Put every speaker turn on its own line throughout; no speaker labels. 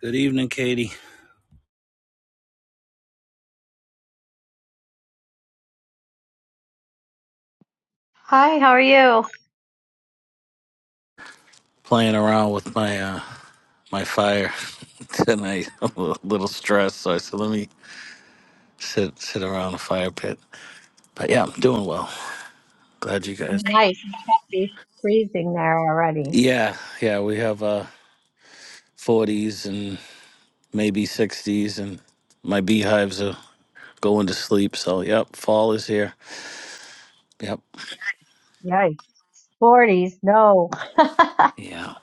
Good evening, Katie.
Hi, how are you?
Playing around with my uh my fire tonight. I'm a little stressed, so I said let me sit sit around the fire pit. But yeah, I'm doing well. Glad you guys.
Nice. It's happy freezing there already.
Yeah, yeah, we have uh 40s and maybe 60s, and my beehives are going to sleep. So yep, fall is here. Yep.
Yikes. 40s, no.
Yeah.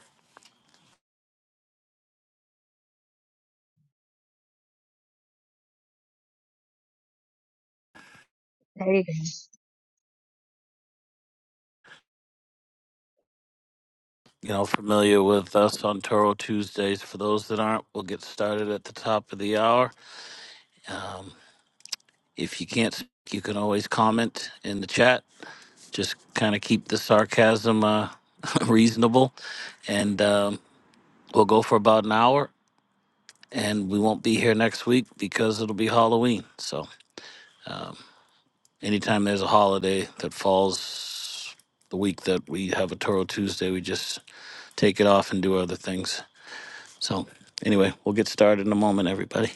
There you go.
You know, familiar with us on Toro Tuesdays. For those that aren't, we'll get started at the top of the hour. Um, If you can't, speak, you can always comment in the chat. Just kind of keep the sarcasm uh, reasonable, and um, we'll go for about an hour. And we won't be here next week because it'll be Halloween. So, um, anytime there's a holiday that falls the week that we have a Toro Tuesday, we just take it off and do other things. So, anyway, we'll get started in a moment, everybody.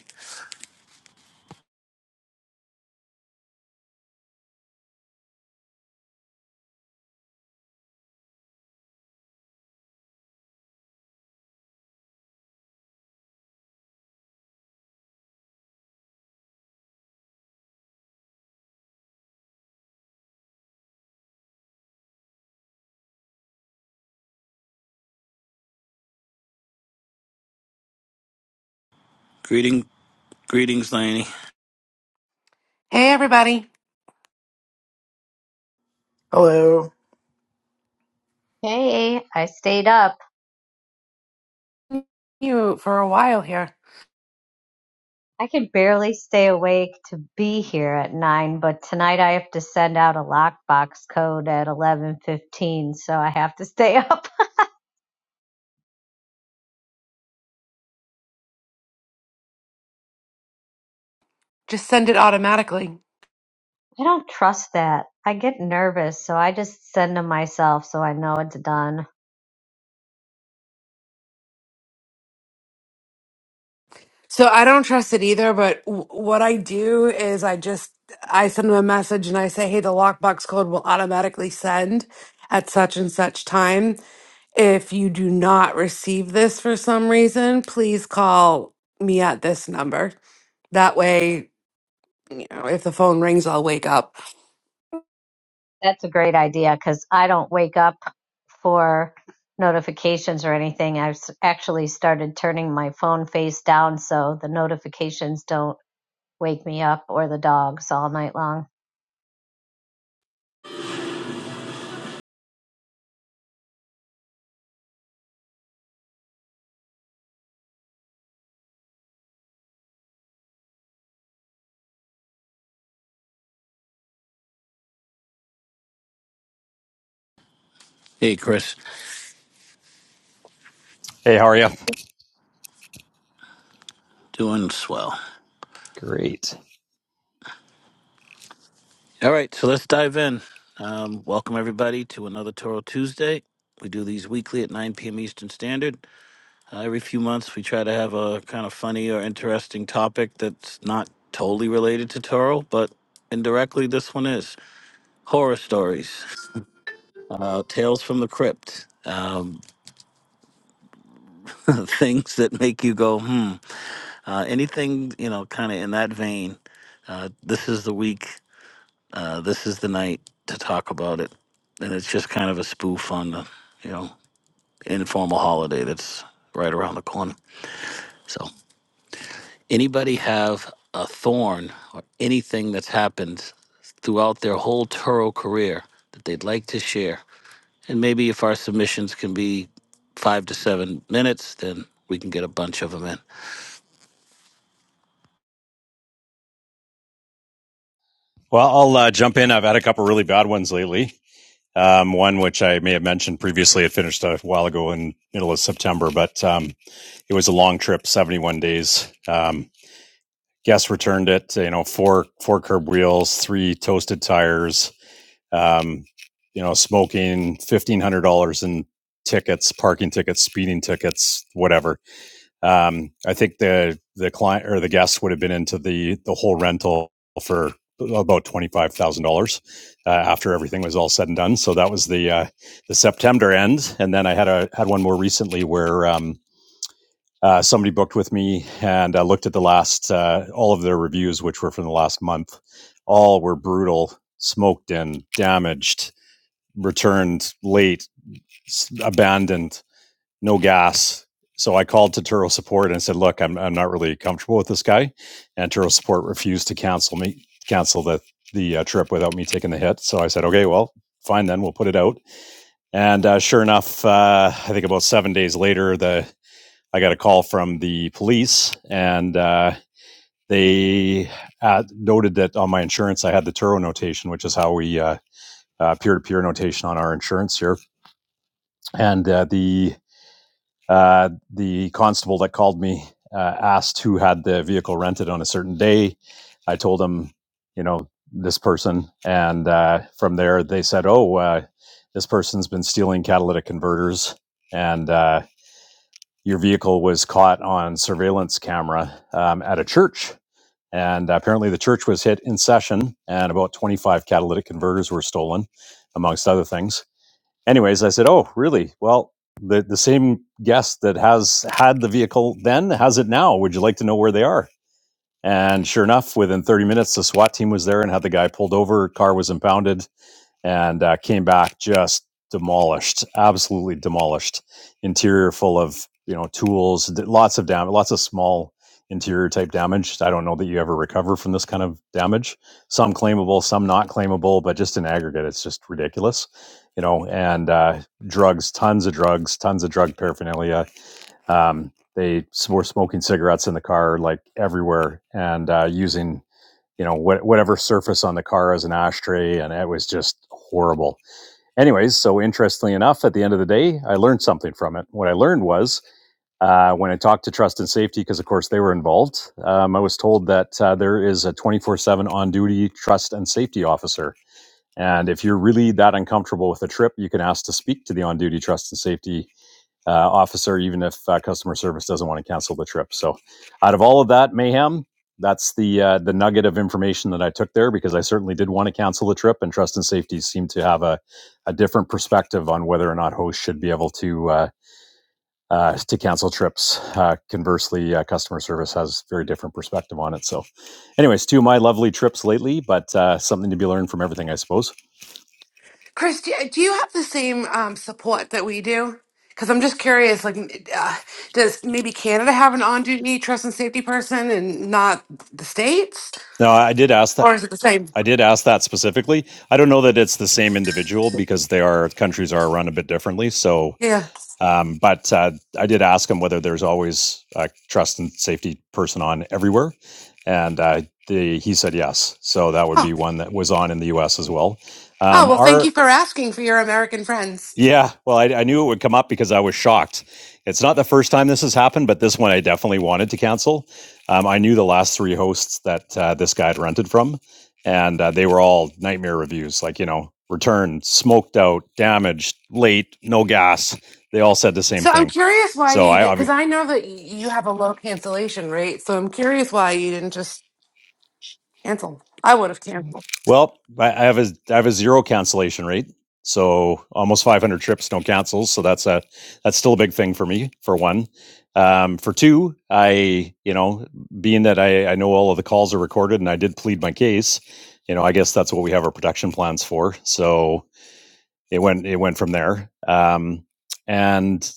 Greeting, greetings, Laney.
Hey, everybody.
Hello.
Hey, I stayed up.
You for a while here.
I can barely stay awake to be here at 9, but tonight I have to send out a lockbox code at 11:15, so I have to stay up.
Just send it automatically.
I don't trust that. I get nervous, so I just send them myself so I know it's done.
So I don't trust it either, but w- what I do is I just I send them a message and I say, "Hey, the lockbox code will automatically send at such and such time. If you do not receive this for some reason, please call me at this number." That way You know, if the phone rings, I'll wake up.
That's a great idea because I don't wake up for notifications or anything. I've s- actually started turning my phone face down so the notifications don't wake me up or the dogs all night long.
Hey, Chris,
Hey, how are you?
doing swell.
Great.
All right, so let's dive in. Um, welcome everybody to another Toro Tuesday. We do these weekly at 9 p.m. Eastern Standard. Uh, every few months, we try to have a kind of funny or interesting topic that's not totally related to Toro, but indirectly, this one is horror stories, uh, tales from the crypt, um, things that make you go, hmm. Uh, anything, you know, kind of in that vein. Uh, this is the week. uh, this is the night to talk about it. And it's just kind of a spoof on the, you know, informal holiday that's right around the corner. So, anybody have a thorn or anything that's happened throughout their whole Turo career that they'd like to share? And maybe if our submissions can be five to seven minutes, then we can get a bunch of them in.
Well, I'll uh, jump in. I've had a couple really bad ones lately. Um, one which I may have mentioned previously. It finished a while ago in middle of September, but um, it was a long trip, seventy-one days. Um, guests returned it. You know, four four curb wheels, three toasted tires. Um, you know, smoking, fifteen hundred dollars in tickets, parking tickets, speeding tickets, whatever Um, I think the the client or the guest would have been into the the whole rental for about twenty five thousand uh, dollars uh, after everything was all said and done. So that was the uh, the September end, and then I had a had one more recently where. Um, uh, somebody booked with me and I looked at the last, uh, all of their reviews, which were from the last month. All were brutal, smoked in, damaged, returned late, abandoned no gas. So I called to Turo Support and said, "Look, I'm I'm not really comfortable with this guy," and Turo Support refused to cancel me cancel the the uh, trip without me taking the hit. So I said, "Okay, well, fine then, we'll put it out." And uh, sure enough, uh, I think about seven days later, the I got a call from the police, and uh, they uh, noted that on my insurance I had the Turo notation, which is how we uh, uh, peer-to-peer notation on our insurance here, and uh, the Uh, the constable that called me uh, asked who had the vehicle rented on a certain day. I told him, you know, this person. And uh, from there, they said, oh, uh, this person's been stealing catalytic converters. And uh, your vehicle was caught on surveillance camera um, at a church. And apparently, the church was hit in session, and about 25 catalytic converters were stolen, amongst other things anyways, I said, "Oh, really? Well, the the same guest that has had the vehicle then has it now. Would you like to know where they are?" And sure enough, within 30 minutes, the SWAT team was there and had the guy pulled over. Car was impounded and uh, came back just demolished, absolutely demolished. Interior full of you know tools, lots of damage, lots of small interior type damage. I don't know that you ever recover from this kind of damage. Some claimable, some not claimable, but just in aggregate, it's just ridiculous. You know, and uh, drugs, tons of drugs, tons of drug paraphernalia. Um, they were smoking cigarettes in the car, like everywhere, and uh, using you know what, whatever surface on the car as an ashtray and it was just horrible anyways so interestingly enough at the end of the day i learned something from it what i learned was uh, when i talked to trust and safety because of course they were involved um, i was told that uh, there is a 24-7 on-duty trust and safety officer and if you're really that uncomfortable with a trip you can ask to speak to the on-duty trust and safety uh, officer, even if uh, customer service doesn't want to cancel the trip. So, out of all of that mayhem, that's the uh, the nugget of information that I took there because I certainly did want to cancel the trip, and trust and safety seemed to have a, a different perspective on whether or not hosts should be able to uh, uh, to cancel trips. Uh, conversely, uh, customer service has a very different perspective on it. So, anyways, two of my lovely trips lately, but uh, something to be learned from everything, I suppose.
Chris, do do you have the same um, support that we do? Because I'm just curious, like, m- uh, does maybe Canada have an on-duty trust and safety person and not the states,
No, I did ask that.
or is it the same?
I did ask that specifically. I don't know that it's the same individual because they are countries are run a bit differently. So,
Yeah.
um, but uh, I did ask him whether there's always a trust and safety person on everywhere, and uh, the, he said yes. So that would
Oh,
be one that was on in the U.S. as well.
Oh,
Um,
well, thank
our
you for asking for your American friends.
yeah, well, I, I knew it would come up because I was shocked. It's not the first time this has happened, but this one I definitely wanted to cancel. Um, I knew the last three hosts that uh, this guy had rented from, and uh, they were all nightmare reviews. Like you know, return smoked out, damaged, late, no gas. They all said the same
So I'm
thing.
curious why
So
you,
I,
because I know that you have a low cancellation rate. So I'm curious why you didn't just cancel. I would have canceled.
Well, I I have a I have a zero cancellation rate, so almost 500 trips no cancels. So that's a that's still a big thing for me. For one, um, for two, I you know being that I I know all of the calls are recorded and I did plead my case, you know I guess that's what we have our production plans for. So it went it went from there. Um, and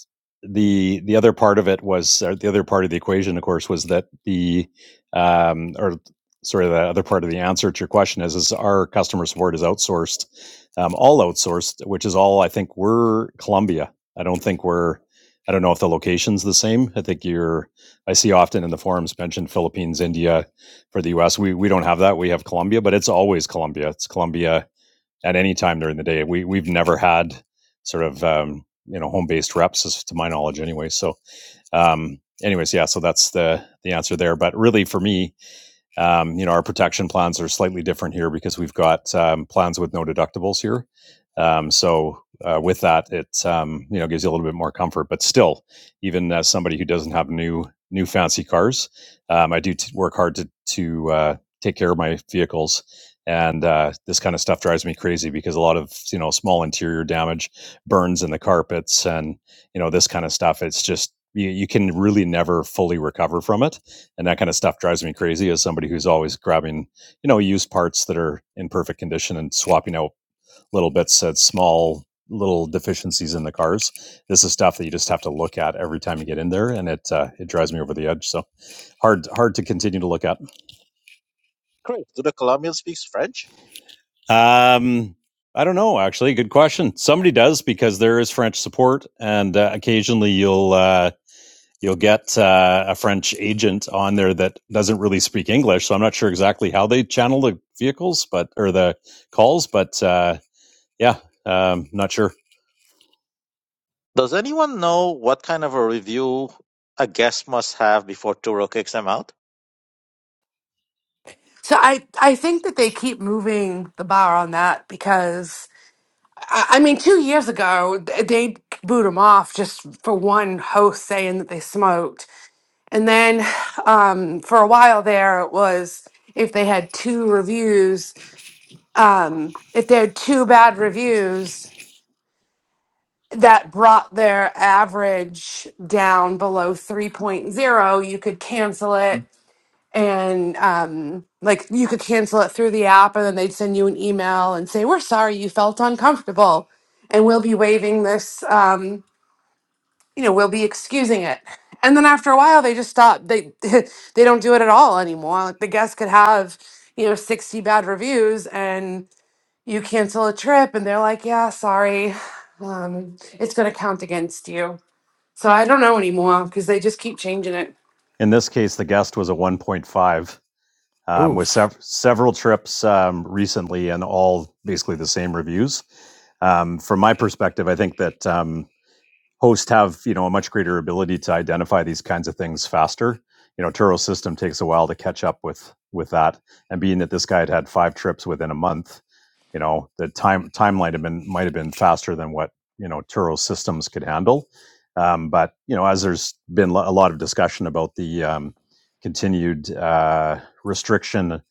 the the other part of it was or the other part of the equation, of course, was that the um, or sorry, the other part of the answer to your question is is our customer support is outsourced, um, all outsourced, which is all I think we're Columbia. I don't think we're I don't know if the location's the same. I think you're I see often in the forums mentioned Philippines, India for the US. We we don't have that. We have Colombia, but it's always Colombia. It's Colombia at any time during the day. We we've never had sort of um, you know home based reps, as to my knowledge, anyway. So, um, anyways, yeah. So that's the the answer there. But really, for me, um, you know, our protection plans are slightly different here because we've got um, plans with no deductibles here. Um, so uh, with that, it um, you know gives you a little bit more comfort. But still, even as somebody who doesn't have new new fancy cars, um, I do t- work hard to to uh, take care of my vehicles. And uh, this kind of stuff drives me crazy because a lot of you know small interior damage, burns in the carpets, and you know this kind of stuff. It's just you, you can really never fully recover from it and that kind of stuff drives me crazy as somebody who's always grabbing you know used parts that are in perfect condition and swapping out little bits at small little deficiencies in the cars this is stuff that you just have to look at every time you get in there and it uh, it drives me over the edge so hard hard to continue to look at
Chris, do the Colombians speak French?
um I don't know. Actually, good question. Somebody does because there is French support, and uh, occasionally you'll uh, you'll get uh, a French agent on there that doesn't really speak English. So I'm not sure exactly how they channel the vehicles, but or the calls, but uh, yeah, um, not sure.
Does anyone know what kind of a review a guest must have before Turo kicks them out?
So I, I think that they keep moving the bar on that because, I, I mean, two years ago, th- they boot them off just for one host saying that they smoked. And then um, for a while there, it was if they had two reviews, um, if they had two bad reviews, that brought their average down below 3.0 you could cancel it and um, like you could cancel it through the app and then they'd send you an email and say we're sorry you felt uncomfortable and we'll be waiving this um, you know we'll be excusing it and then after a while they just stop they they don't do it at all anymore like the guest could have you know 60 bad reviews and you cancel a trip and they're like yeah sorry um, it's going to count against you so I don't know anymore because they just keep changing it.
in this case, the guest was a 1.5 um, with
Oof.
sev- several trips um, recently and all basically the same reviews. Um, from my perspective, I think that um, hosts have you know a much greater ability to identify these kinds of things faster you know turo's system takes a while to catch up with with that and being that this guy had had five trips within a month you know the time timeline have been might have been faster than what you know turo's systems could handle um, but you know as there's been lo- a lot of discussion about the um, continued uh, restriction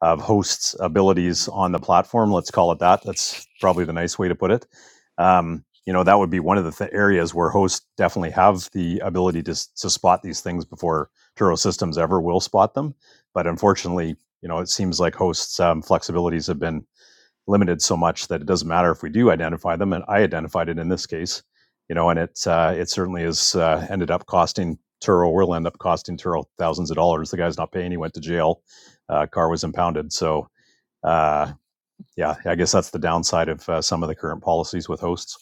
of hosts abilities on the platform let's call it that that's probably the nice way to put it um, you know that would be one of the th- areas where hosts definitely have the ability to, to spot these things before Turo systems ever will spot them. But unfortunately, you know, it seems like hosts' um, flexibilities have been limited so much that it doesn't matter if we do identify them. And I identified it in this case, you know, and it uh, it certainly has uh, ended up costing Turo. Will end up costing Turo thousands of dollars. The guy's not paying. He went to jail. Uh, car was impounded. So uh, yeah, I guess that's the downside of uh, some of the current policies with hosts.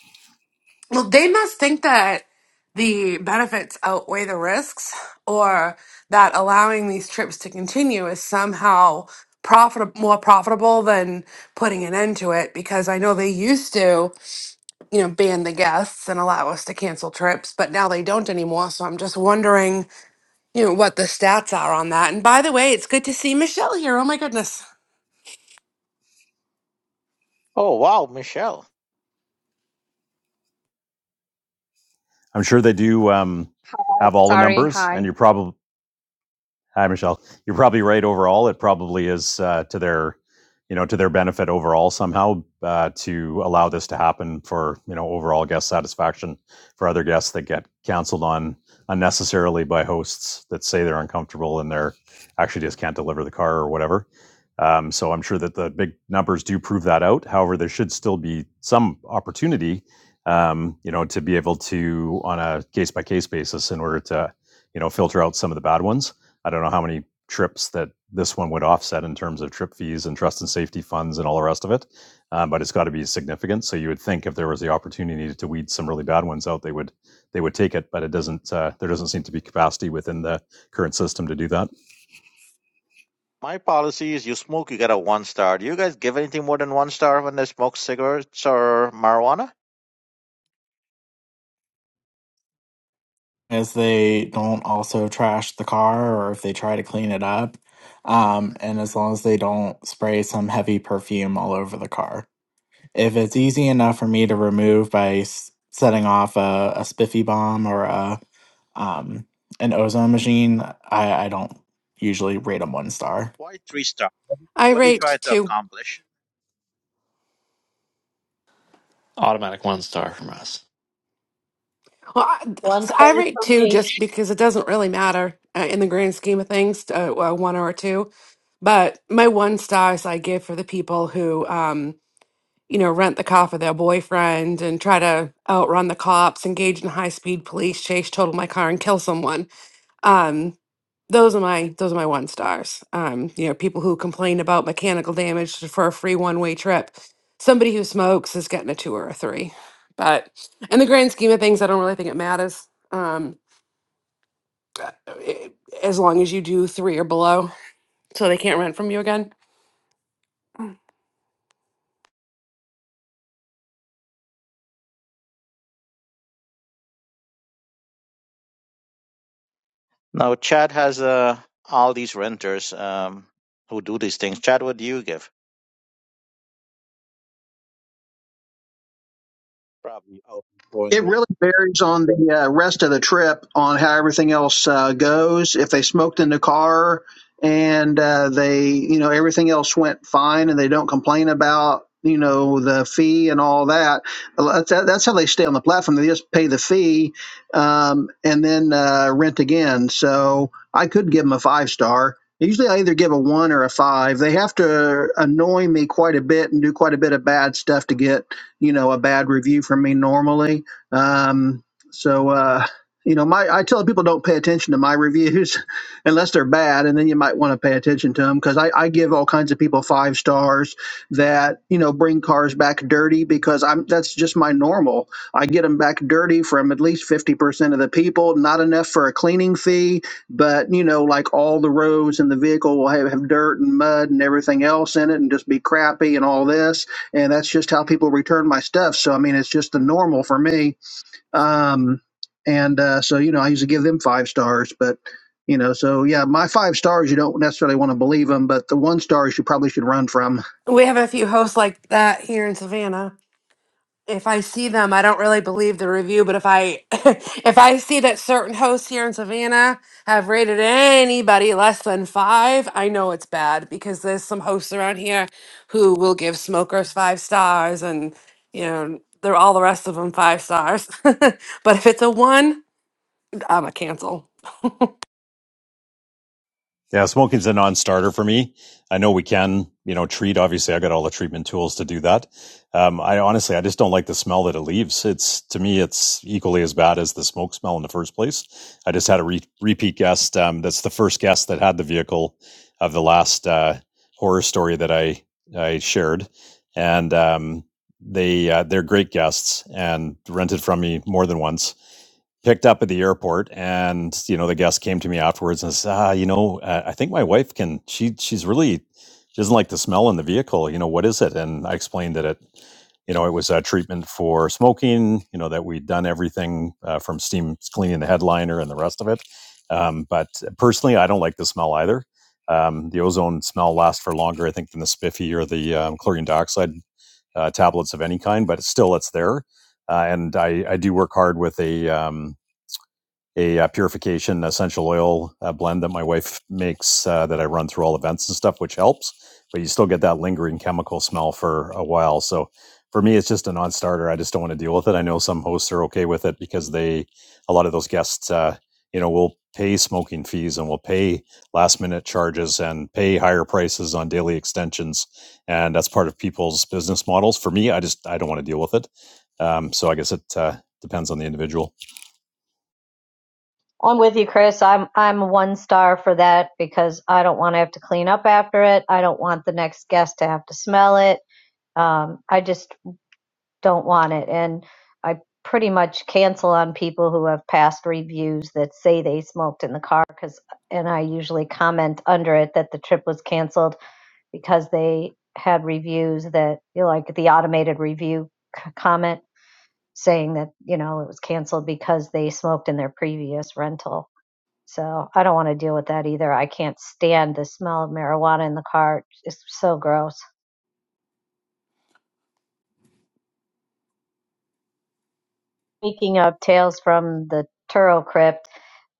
Well, they must think that the benefits outweigh the risks, or that allowing these trips to continue is somehow profit more profitable than putting an end to it. Because I know they used to, you know, ban the guests and allow us to cancel trips, but now they don't anymore. So I'm just wondering, you know, what the stats are on that. And by the way, it's good to see Michelle here. Oh my goodness,
Oh, wow, Michelle.
I'm sure they do um,
Hi,
have all the
sorry,
numbers, and
hi.
you're probably Hi, Michelle. You're probably right overall. It probably is uh, to their, you know, to their benefit overall somehow uh, to allow this to happen for you know overall guest satisfaction for other guests that get canceled on unnecessarily by hosts that say they're uncomfortable and they're actually just can't deliver the car or whatever. Um, so I'm sure that the big numbers do prove that out. However, there should still be some opportunity, um, you know, to be able to on a case by case basis in order to you know filter out some of the bad ones I don't know how many trips that this one would offset in terms of trip fees and trust and safety funds and all the rest of it, um, but it's got to be significant. So you would think if there was the opportunity to weed some really bad ones out, they would they would take it, but it doesn't. Uh, there doesn't seem to be capacity within the current system to do that.
My policy is you smoke, you get a one star. Do you guys give anything more than one star when they smoke cigarettes or marijuana?
As they don't also trash the car or if they try to clean it up. Um, and as long as they don't spray some heavy perfume all over the car. If it's easy enough for me to remove by s- setting off a, a spiffy bomb or a um, an ozone machine, I, I don't usually rate them one star.
Why three star?
I
What do you try
raped
to
too.
accomplish?
Automatic one star from us.
Well, I,
One
so
star
I rate
for
two
me.
just because it doesn't really matter uh, in the grand scheme of things, uh, uh, one or two. But my one stars I give for the people who, um, you know, rent the car for their boyfriend and try to outrun the cops, engage in high speed police chase, total my car, and kill someone. Um, those are my those are my one stars. Um, you know, people who complain about mechanical damage for a free one way trip. Somebody who smokes is getting a two or a three. But in the grand scheme of things, I don't really think it matters. Um, i- as long as you do three or below, so they can't rent from you again.
Now, Chad has uh, all these renters um, who do these things. Chad, what do you give? Probably
It
outgoing.
really varies on the uh, rest of the trip on how everything else uh, goes. If they smoked in the car and uh, they, you know, everything else went fine and they don't complain about, you know, the fee and all that, well, that's, that's how they stay on the platform. They just pay the fee um, and then uh, rent again. So I could give them a five star. Usually I either give a one or a five. They have to annoy me quite a bit and do quite a bit of bad stuff to get, you know, a bad review from me normally um, so, uh, you know, my I tell people don't pay attention to my reviews unless they're bad, and then you might want to pay attention to them because I, I give all kinds of people five stars that you know bring cars back dirty because I'm that's just my normal. I get them back dirty from at least fifty percent of the people, not enough for a cleaning fee, but you know, like all the roads in the vehicle will have, have dirt and mud and everything else in it, and just be crappy and all this, and that's just how people return my stuff. So I mean, it's just the normal for me um, and uh, so, you know, I usually give them five stars, but, you know, so yeah, my five stars, you don't necessarily want to believe them, but the one stars you probably should run from.
We have a few hosts like that here in Savannah if I see them, I don't really believe the review, but if I if I see that certain hosts here in Savannah have rated anybody less than five, I know it's bad because there's some hosts around here who will give smokers five stars and you know they're all the rest of them five stars. but if it's a one, I'm a cancel.
Yeah, smoking's a non-starter for me. I know we can, you know, treat. Obviously, I got all the treatment tools to do that. Um, I honestly, I just don't like the smell that it leaves. It's to me, it's equally as bad as the smoke smell in the first place. I just had a re- repeat guest. Um, that's the first guest that had the vehicle of the last uh, horror story that I I shared, and um, they uh, they're great guests and rented from me more than once. Picked up at the airport, and you know the guest came to me afterwards and says, "Ah, you know, uh, I think my wife can. She she's really she doesn't like the smell in the vehicle. You know what is it?" And I explained that it you know, it was a treatment for smoking, you know, that we'd done everything uh, from steam cleaning the headliner and the rest of it. Um, but personally, I don't like the smell either. Um, the ozone smell lasts for longer, I think, than the spiffy or the um, chlorine dioxide uh, tablets of any kind, but still it's there. Uh, and I, I do work hard with a um, a uh, purification essential oil uh, blend that my wife makes uh, that I run through all events and stuff, which helps. But you still get that lingering chemical smell for a while. So for me, it's just a non-starter. I just don't want to deal with it. I know some hosts are okay with it because they, a lot of those guests, uh, you know, will pay smoking fees and will pay last-minute charges and pay higher prices on daily extensions, and that's part of people's business models. For me, I just I don't want to deal with it. Um, so I guess it uh, depends on the individual.
I'm with you, Chris. I'm I'm a one star for that because I don't want to have to clean up after it. I don't want the next guest to have to smell it. Um, I just don't want it. And I pretty much cancel on people who have past reviews that say they smoked in the car because, and I usually comment under it that the trip was canceled because they had reviews that, you know, like the automated review c- comment saying that, you know, it was canceled because they smoked in their previous rental. So I don't want to deal with that either. I can't stand the smell of marijuana in the car. It's so gross. Speaking of tales from the Turo crypt.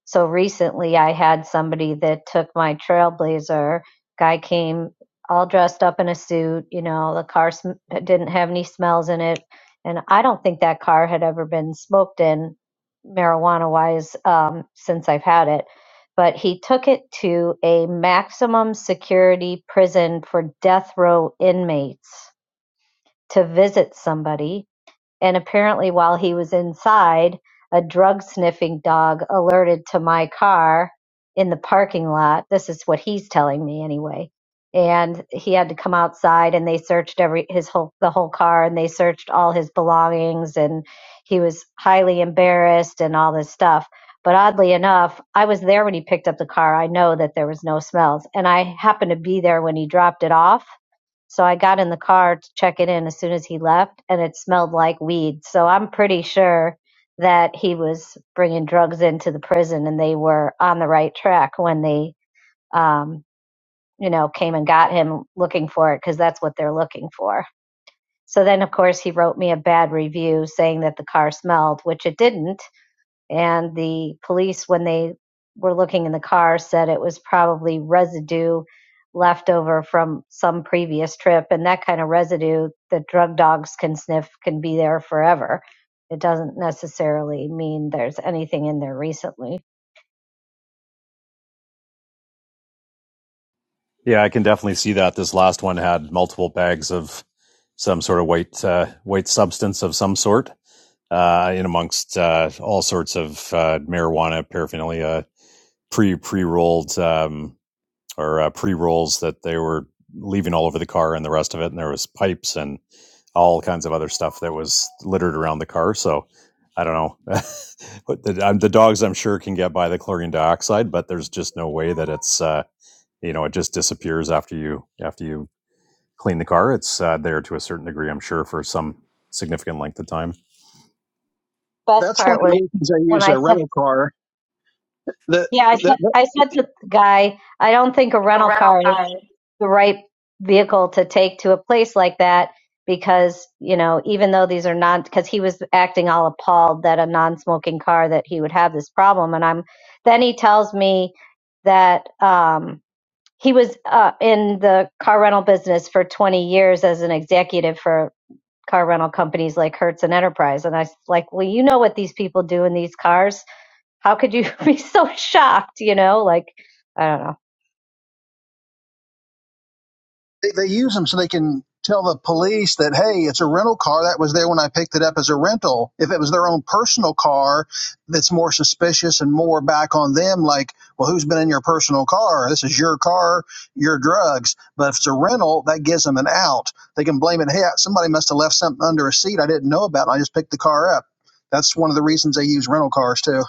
So recently I had somebody that took my trailblazer. Guy came all dressed up in a suit, you know, the car sm- didn't have any smells in it. And I don't think that car had ever been smoked in marijuana wise um, since I've had it. But he took it to a maximum security prison for death row inmates to visit somebody and apparently while he was inside, a drug sniffing dog alerted to my car in the parking lot. This is what he's telling me anyway. And he had to come outside and they searched every his whole the whole car and they searched all his belongings and he was highly embarrassed and all this stuff. But oddly enough, I was there when he picked up the car. I know that there was no smells and I happened to be there when he dropped it off so I got in the car to check it in as soon as he left, and it smelled like weed. So I'm pretty sure that he was bringing drugs into the prison, and they were on the right track when they, um, you know, came and got him looking for it because that's what they're looking for. So then, of course, he wrote me a bad review saying that the car smelled, which it didn't and the police, when they were looking in the car, said it was probably residue left over from some previous trip. And that kind of residue that drug dogs can sniff can be there forever. It doesn't necessarily mean there's anything in there recently.
Yeah, I can definitely see that. This last one had multiple bags of some sort of white uh, white substance of some sort, uh, in amongst uh, all sorts of uh, marijuana paraphernalia, pre pre rolled. Um, or uh, pre rolls that they were leaving all over the car and the rest of it. And there was pipes and all kinds of other stuff that was littered around the car. So I don't know. the, um, the dogs, I'm sure, can get by the chlorine dioxide, but there's just no way that it's uh, you know it just disappears after you after you clean the car. It's uh, there to a certain degree, I'm sure, for some significant length of time.
Best
That's one
part
of
was
the reasons I
when
use
I
a
said,
rental car. That,
yeah, I said,
that
I said to the guy, I don't think a
think a
rental
rental
car
car.
the right vehicle to take to a place like that because you know even though these are non because he was acting all appalled that a non-smoking car that he would have this problem and i'm then he tells me that um he was uh, in the car rental business for 20 years as an executive for car rental companies like hertz and enterprise and i was like well you know what these people do in these cars how could you be so shocked you know like i don't know
they, they use them so they can tell the police that hey it's a rental car that was there when i picked it up as a rental if it was their own personal car that's more suspicious and more back on them like well who's been in your personal car this is your car your drugs but if it's a rental that gives them an out they can blame it hey somebody must have left something under a seat i didn't know about and i just picked the car up that's one of the reasons they use rental cars too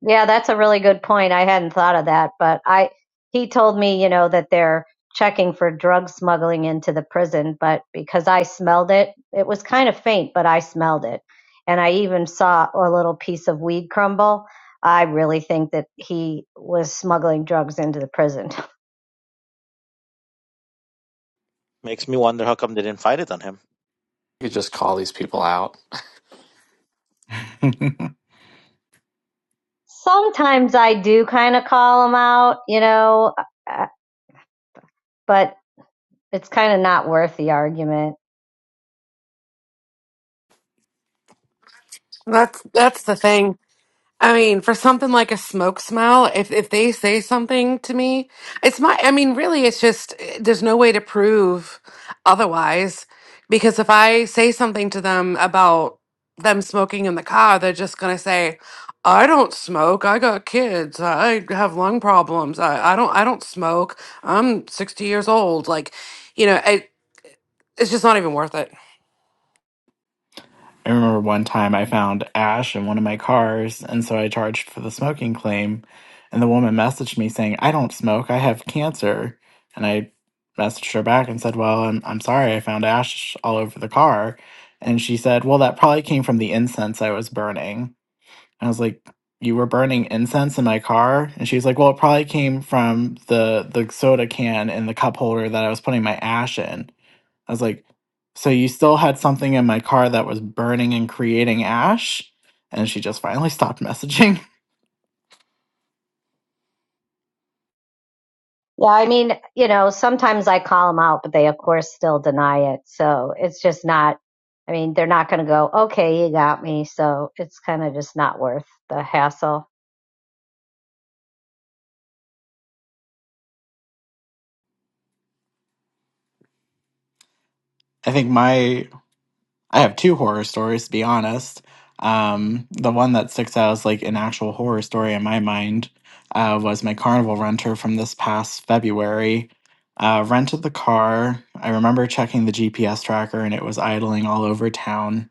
Yeah, that's a really good point. I hadn't thought of that, but I he told me, you know, that they're checking for drug smuggling into the prison, but because I smelled it, it was kind of faint, but I smelled it. And I even saw a little piece of weed crumble. I really think that he was smuggling drugs into the prison.
Makes me wonder how come they didn't find it on him.
You could just call these people out.
Sometimes I do kind of call him out, you know, uh, but it's kind of not worth the argument.
That's that's the thing. I mean, for something like a smoke smell, if if they say something to me, it's my. I mean, really, it's just eh, there's no way to prove otherwise. Because if I say something to them about them smoking in the car, they're just gonna say, "I don't smoke. I got kids. I have lung problems. I, I don't. I don't smoke. I'm 60 years old. Like, you know, it, it's just not even worth it."
I remember one time I found ash in one of my cars, and so I charged for the smoking claim. And the woman messaged me saying, I don't smoke, I have cancer. And I messaged her back and said, Well, I'm, I'm sorry, I found ash all over the car. And she said, Well, that probably came from the incense I was burning. And I was like, You were burning incense in my car? And she's like, Well, it probably came from the, the soda can and the cup holder that I was putting my ash in. I was like, so you still had something in my car that was burning and creating ash? And she just finally stopped messaging.
Yeah, I mean, you know, sometimes I call them out, but they, of course, still deny it. So it's just not, I mean, they're not going to go, okay, you got me. So it's kind of just not worth the hassle.
I think my, I have two horror stories to be honest. Um, the one that sticks out as like an actual horror story in my mind uh, was my carnival renter from this past February. Uh, rented the car. I remember checking the GPS tracker and it was idling all over town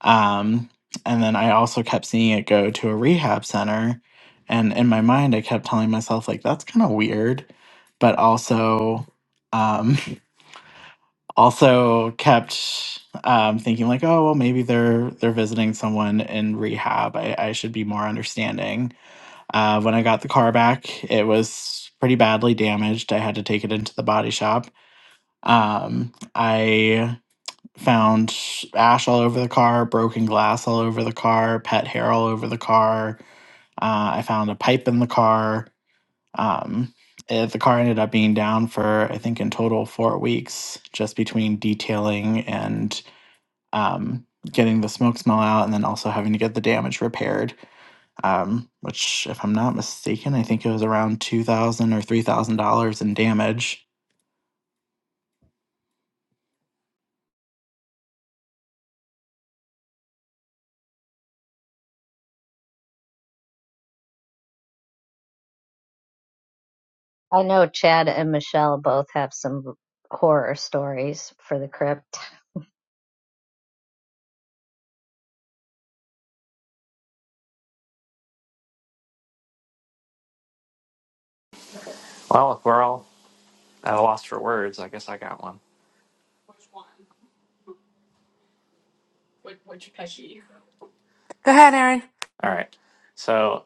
Um, and then I also kept seeing it go to a rehab center. And in my mind, I kept telling myself, like, that's kind of weird. But also, um, also kept um, thinking like, oh well, maybe they're they're visiting someone in rehab. I, I should be more understanding. Uh, when I got the car back, it was pretty badly damaged. I had to take it into the body shop. Um, I found ash all over the car, broken glass all over the car, pet hair all over the car. Uh, I found a pipe in the car. Um, eh, the car ended up being down for, I think, in total four weeks, just between detailing and um, getting the smoke smell out, and then also having to get the damage repaired. Um, which, if I'm not mistaken, I think it was around two thousand or three thousand dollars in damage.
I know Chad and Michelle both have some horror stories for the crypt.
Well, if we're all at a loss for words, I guess I got one. All
Go ahead, Erin.
right. So,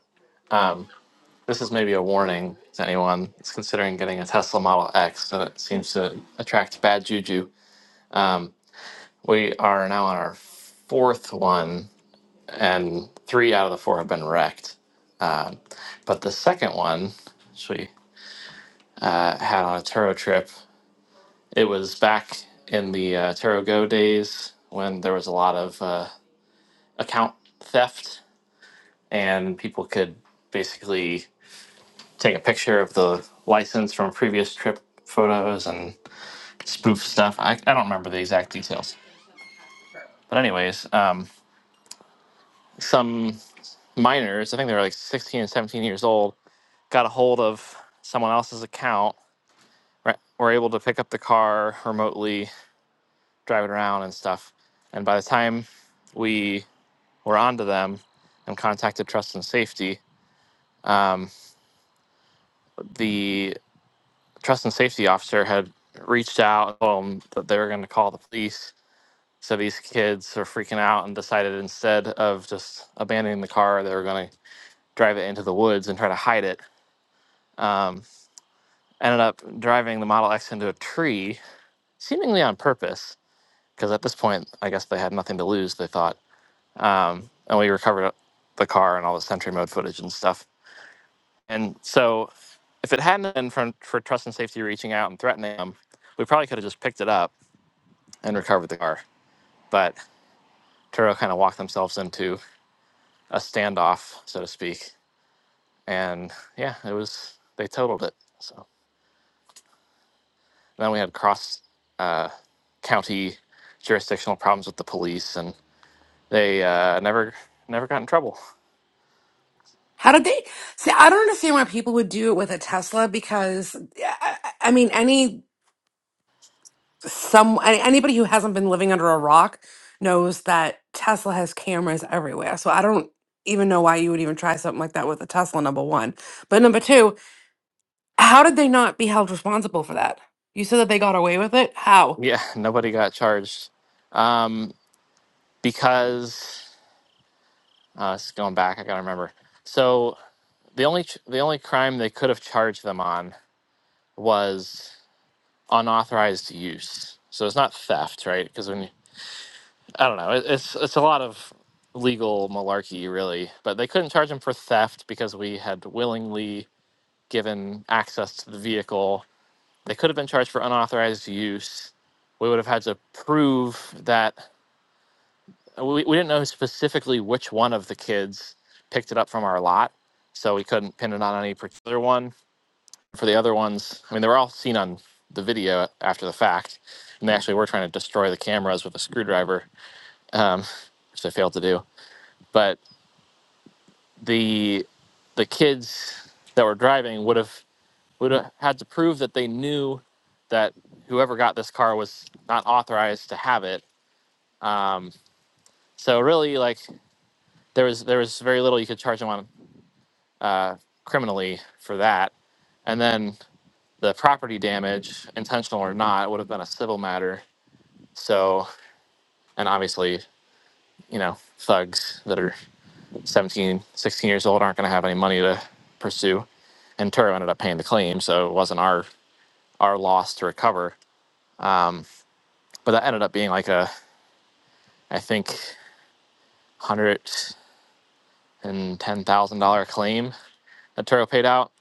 um, this is maybe a warning to anyone that's considering getting a Tesla Model X that seems to attract bad juju. Um, we are now on our fourth one, and three out of the four have been wrecked. But the second one, which we uh, had on a Turo trip, It was back in the uh, TerraGo days when there was a lot of uh, account theft, and people could basically take a picture of the license from previous trip photos and spoof stuff. I, I don't remember the exact details. But, anyways, um, some minors, I think they were like 16 and 17 years old, got a hold of someone else's account, right, were able to pick up the car remotely, drive it around and stuff. And by the time we were onto them and contacted Trust and Safety. Um, the Trust and Safety officer had reached out and told them that they were going to call the police. So these kids were freaking out and decided instead of just abandoning the car, they were going to drive it into the woods and try to hide it. Um, ended up driving the Model X into a tree, seemingly on purpose, because at this point, I guess they had nothing to lose, they thought. Um, and we recovered the car and all the Sentry Mode footage and stuff. And so, if it hadn't been for, for trust and safety reaching out and threatening them, we probably could have just picked it up and recovered the car. But Turo kind of walked themselves into a standoff, so to speak. And yeah, it was they totaled it. So then we had cross uh, county jurisdictional problems with the police, and they uh, never never got in trouble.
How did they? See, I don't understand why people would do it with a Tesla because, yeah, I, I I mean, any some any- anybody who hasn't been living under a rock knows that Tesla has cameras everywhere. So I don't even know why you would even try something like that with a Tesla. Number one, but number two, how did they not be held responsible for that? You said that they got away with it. How?
Yeah, nobody got charged um, because uh, this is going back. I gotta remember. So The only ch- the only crime they could have charged them on was unauthorized use. So it's not theft, right? Because when you, I don't know, it, it's it's a lot of legal malarkey, really. But they couldn't charge him for theft because we had willingly given access to the vehicle. They could have been charged for unauthorized use. We would have had to prove that we, we didn't know specifically which one of the kids picked it up from our lot, so we couldn't pin it on any particular one for the other ones, I mean, they were all seen on the video after the fact, and they actually were trying to destroy the cameras with a screwdriver, um, which they failed to do. But the the kids that were driving would have would have had to prove that they knew that whoever got this car was not authorized to have it. Um, so really, like there was there was very little you could charge them on uh, criminally for that, and then the property damage, intentional or not, would have been a civil matter So, and obviously, you know, thugs that are 17, 16 years old aren't going to have any money to pursue. And Turo ended up paying the claim, so it wasn't our our loss to recover. But that ended up being like a, I think, hundred and ten thousand dollar claim that Turo paid out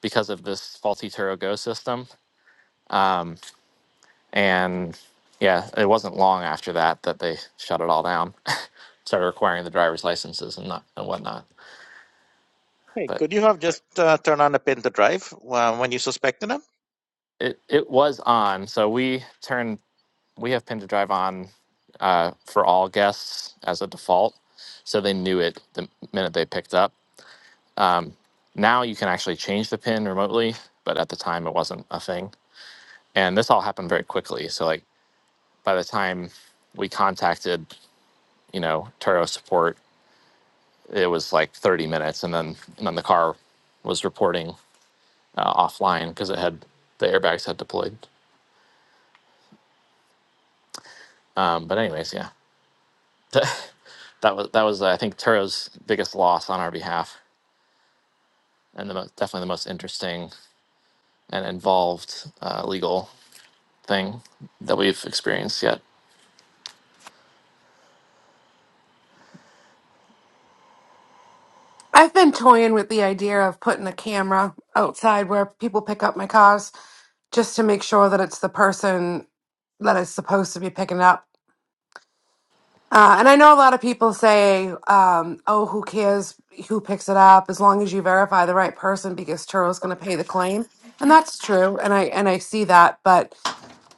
because of this faulty Turo Go system. Um, and yeah, it wasn't long after that that they shut it all down, started requiring the driver's licenses and not and whatnot.
Hey,
But
could you have just uh, turned on a pin to drive uh, when you suspected him?
It it was on. So we turn we have pin to drive on uh, for all guests as a default. So they knew it the minute they picked up. Now you can actually change the pin remotely, but at the time it wasn't a thing. And this all happened very quickly. So like by the time we contacted, you know, Turo support, it was like 30 minutes, and then and then the car was reporting uh, offline because it had the airbags had deployed. Um, but anyways, yeah. that that was that was I think Turo's biggest loss on our behalf, and the most, definitely the most interesting and involved uh, legal thing that we've experienced yet.
I've been toying with the idea of putting a camera outside where people pick up my cars just to make sure that it's the person that is supposed to be picking it up Uh, and I know a lot of people say, um, oh, who cares who picks it up as long as you verify the right person because Turo's going to pay the claim. And that's true. And I, and I see that. But,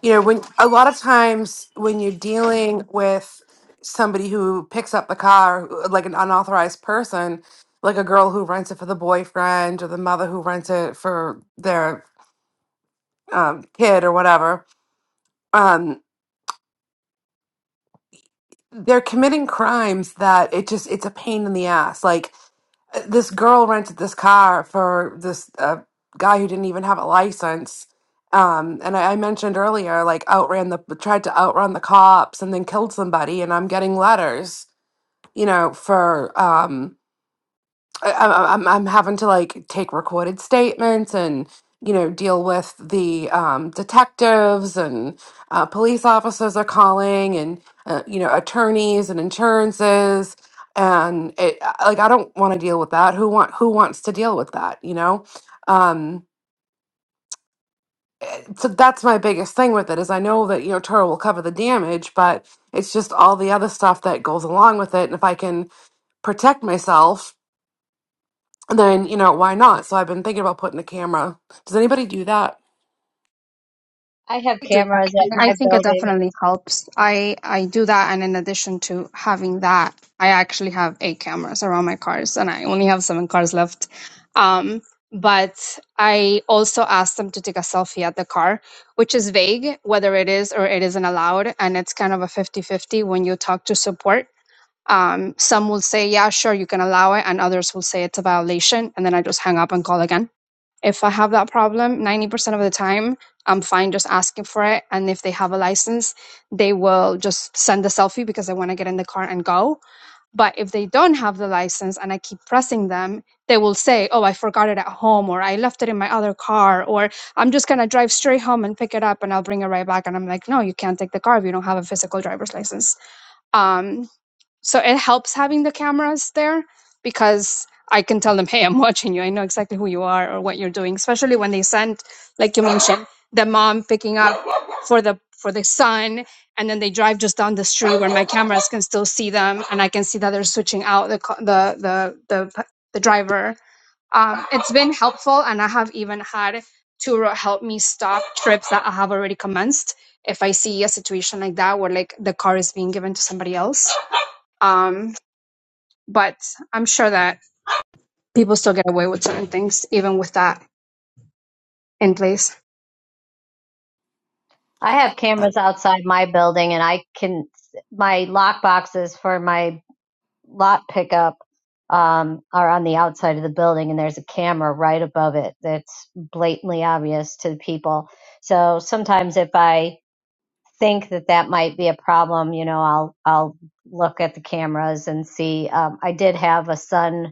you know, when a lot of times when you're dealing with somebody who picks up the car, like an unauthorized person, like a girl who rents it for the boyfriend or the mother who rents it for their um, kid or whatever, um, they're committing crimes that it just, it's a pain in the ass. Like, this girl rented this car for this uh, guy who didn't even have a license. Um, and I, I mentioned earlier, like outran the tried to outrun the cops and then killed somebody. And I'm getting letters, you know, for um, I- I- I'm I'm having to like take recorded statements and you know deal with the um, detectives and uh, police officers are calling and uh, you know attorneys and insurances and it I- like I don't want to deal with that. Who want who wants to deal with that? You know. Um, so that's my biggest thing with it is I know that you know Toro will cover the damage, but it's just all the other stuff that goes along with it. And if I can protect myself then you know why not so i've been thinking about putting a camera does anybody do that
I have
I do that.
cameras at
and I
my
think it
building.
definitely helps. I I do that, and in addition to having that, I actually have eight cameras around my cars, and I only have seven cars left. Um, but I also ask them to take a selfie at the car, which is vague whether it is or it isn't allowed, and it's kind of a fifty-fifty when you talk to support. Um, some will say, "Yeah, sure, you can allow it," and others will say it's a violation, and then I just hang up and call again If I have that problem, 90% of the time, I'm fine just asking for it. And if they have a license, they will just send a selfie because they want to get in the car and go. But if they don't have the license and I keep pressing them, they will say, Oh, I forgot it at home, or I left it in my other car, or I'm just going to drive straight home and pick it up and I'll bring it right back. And I'm like, No, you can't take the car if you don't have a physical driver's license. Um, so it helps having the cameras there because I can tell them, hey, I'm watching you. I know exactly who you are or what you're doing. Especially when they send, like you mentioned, the mom picking up for the for the son, and then they drive just down the street where my cameras can still see them, and I can see that they're switching out the co- the the the, the driver. Um, it's been helpful, and I have even had Turo help me stop trips that I have already commenced if I see a situation like that where like the car is being given to somebody else Um, but I'm sure that people still get away with certain things even with that in place.
I have
I,
cameras outside my building, and I can, my lock boxes for my lot pickup um, are on the outside of the building, and there's a camera right above it that's blatantly obvious to the people. So sometimes, if I think that that might be a problem, you know, I'll I'll look at the cameras and see. Um, I did have a son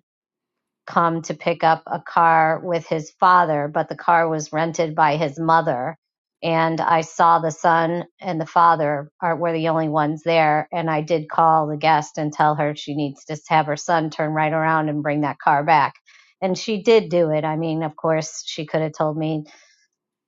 come to pick up a car with his father, but the car was rented by his mother. And I saw the son and the father are were the only ones there. And I did call the guest and tell her she needs to have her son turn right around and bring that car back. And she did do it. I mean, of course, she could have told me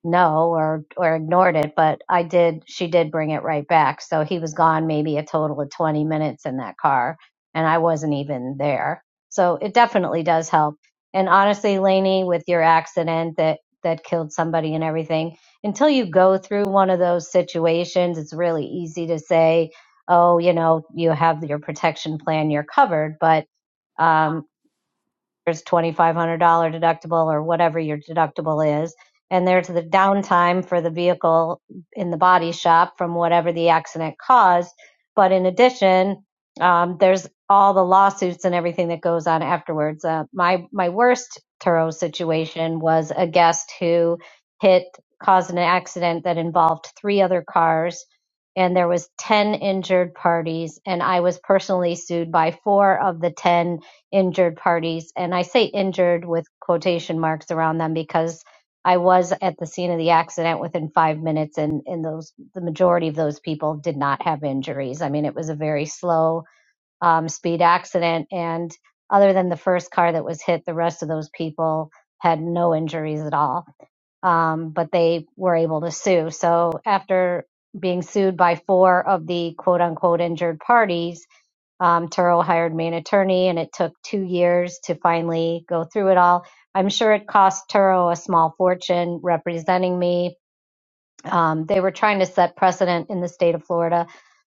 no or or ignored it but i did she did bring it right back so he was gone maybe a total of 20 minutes in that car and i wasn't even there so it definitely does help and honestly Lainey, with your accident that that killed somebody and everything until you go through one of those situations it's really easy to say oh you know you have your protection plan you're covered but um there's $2,500 deductible or whatever your deductible is. And there's the downtime for the vehicle in the body shop from whatever the accident caused. But in addition, um, there's all the lawsuits and everything that goes on afterwards. Uh, my my worst Turo situation was a guest who hit caused an accident that involved three other cars, and there was ten injured parties, and I was personally sued by four of the ten injured parties. And I say injured with quotation marks around them because I was at the scene of the accident within five minutes, and, and those the majority of those people did not have injuries. I mean, it was a very slow um, speed accident, and other than the first car that was hit, the rest of those people had no injuries at all. Um, but they were able to sue. So after being sued by four of the quote unquote injured parties, um, Turo hired me an attorney, and it took two years to finally go through it all. I'm sure it cost Turo a small fortune representing me. Um, they were trying to set precedent in the state of Florida.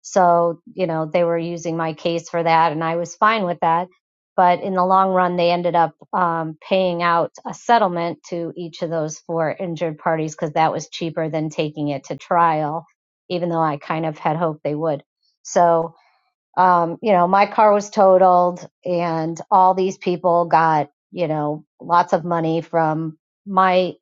So, you know, they were using my case for that, and I was fine with that. But in the long run, they ended up um, paying out a settlement to each of those four injured parties because that was cheaper than taking it to trial, even though I kind of had hoped they would. So, um, you know, my car was totaled and all these people got, you know, lots of money from my,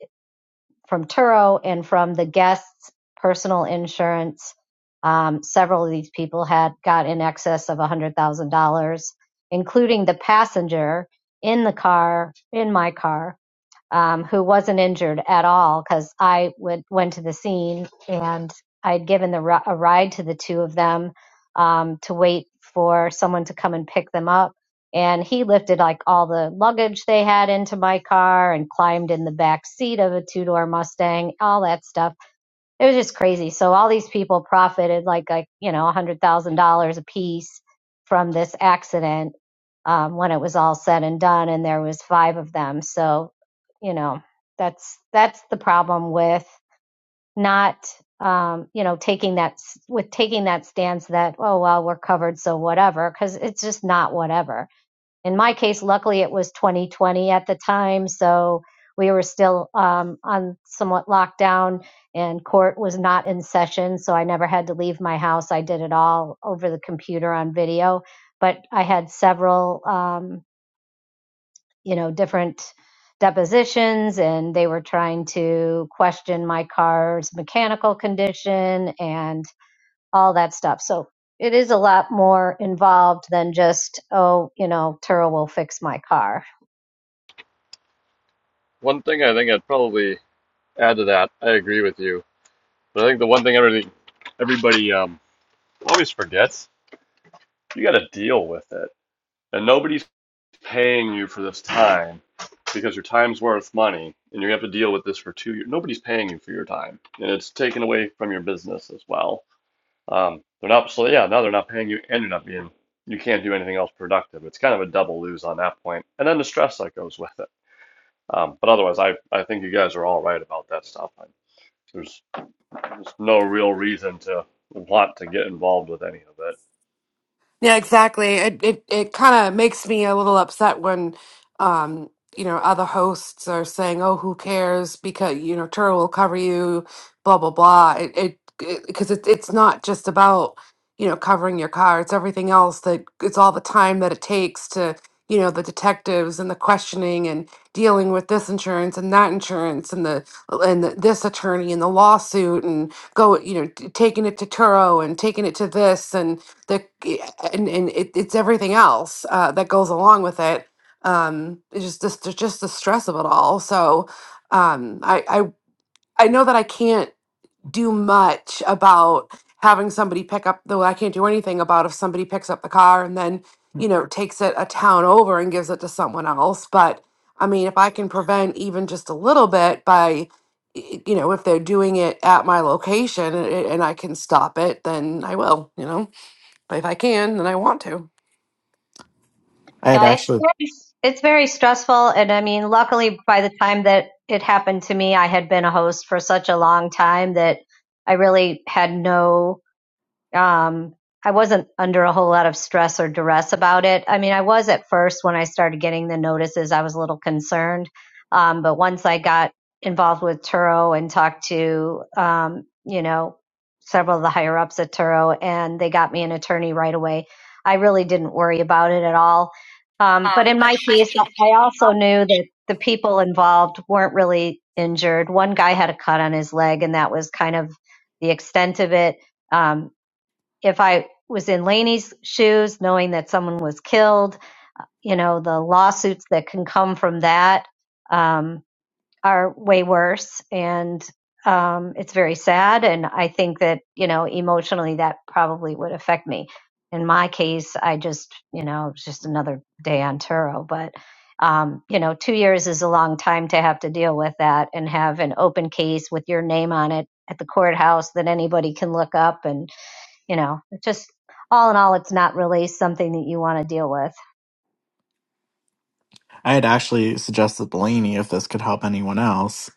from Turo and from the guests' personal insurance. Um, several of these people had got in excess of $100,000, including the passenger in the car, in my car um, who wasn't injured at all because I went went to the scene and I would given the ri- a ride to the two of them um, to wait for someone to come and pick them up. And he lifted like all the luggage they had into my car and climbed in the back seat of a two door Mustang, all that stuff. It was just crazy. So all these people profited like like you know a hundred thousand dollars a piece from this accident um, when it was all said and done, and there was five of them. So, you know, that's that's the problem with not, um, you know, taking that s- with taking that stance that oh well we're covered so whatever because it's just not whatever. In my case, luckily it was 2020 at the time, so we were still um, on somewhat lockdown and court was not in session, so I never had to leave my house. I did it all over the computer on video but I had several. Um, you know, different depositions and they were trying to question my car's mechanical condition and all that stuff. So it is a lot more involved than just, oh, you know, Turo will fix my car.
One thing I think I'd probably add to that, I agree with you. But I think the one thing everybody everybody um, always forgets, you got to deal with it, and nobody's paying you for this time because your time's worth money, and you have to deal with this for two years. Nobody's paying you for your time, and it's taken away from your business as well. Um, they're not so yeah now they're not paying you, and you're not being you can't do anything else productive. It's kind of a double lose on that point, and then the stress that goes with it. Um, but otherwise, I I think you guys are all right about that stuff. I, there's There's no real reason to want to get involved with any of it.
Yeah, exactly. It it it kind of makes me a little upset when, um, you know, other hosts are saying, "Oh, who cares?" Because you know, Turo will cover you, blah blah blah. It it because it, 'cause it, it's not just about you know covering your car. It's everything else that it's all the time that it takes to you know the detectives and the questioning and dealing with this insurance and that insurance and the and the, this attorney and the lawsuit and go you know t- taking it to Turo and taking it to this and the eh, and and it, it's everything else uh, that goes along with it. Um, it's just just it's just the stress of it all. So um, I I I know that I can't do much about having somebody pick up though I can't do anything about if somebody picks up the car and then you know takes it a town over and gives it to someone else. But I mean, if I can prevent even just a little bit by y- you know if they're doing it at my location and, and I can stop it, then I will. You know. But if I can, then I want to.
I had
Yeah, it's
actually
very, it's very stressful. And I mean, luckily by the time that it happened to me, I had been a host for such a long time that I really had no um, I wasn't under a whole lot of stress or duress about it. I mean, I was at first when I started getting the notices, I was a little concerned. Um, but once I got involved with Turo and talked to, um, you know, several of the higher ups at Turo and they got me an attorney right away, I really didn't worry about it at all. Um, but
Um,
in
but
my
if I
case,
take
I also
up,
knew that the people involved weren't really injured. One guy had a cut on his leg and that was kind of the extent of it. Um, if I was in Laney's shoes, knowing that someone was killed, you know, the lawsuits that can come from that um, are way worse. And um, it's very sad. And I think that, you know, emotionally that probably would affect me. In my case, I just, you know, it's just another day on Turo. But, um, you know, two years is a long time to have to deal with that and have an open case with your name on it at the courthouse that anybody can look up. And, you know, it just all in all, it's not really something that you want to deal with.
I had actually suggested Blaney if this could help anyone else.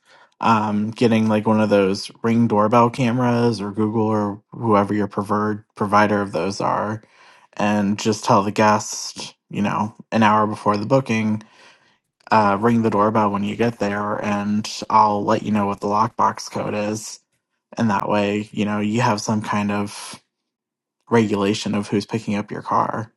Um, getting like one of those ring doorbell cameras or Google or whoever your preferred provider of those are, and just tell the guest, you know, an hour before the booking Uh, ring the doorbell when you get there, and I'll let you know what the lockbox code is. And that way, you know, you have some kind of regulation of who's picking up your car.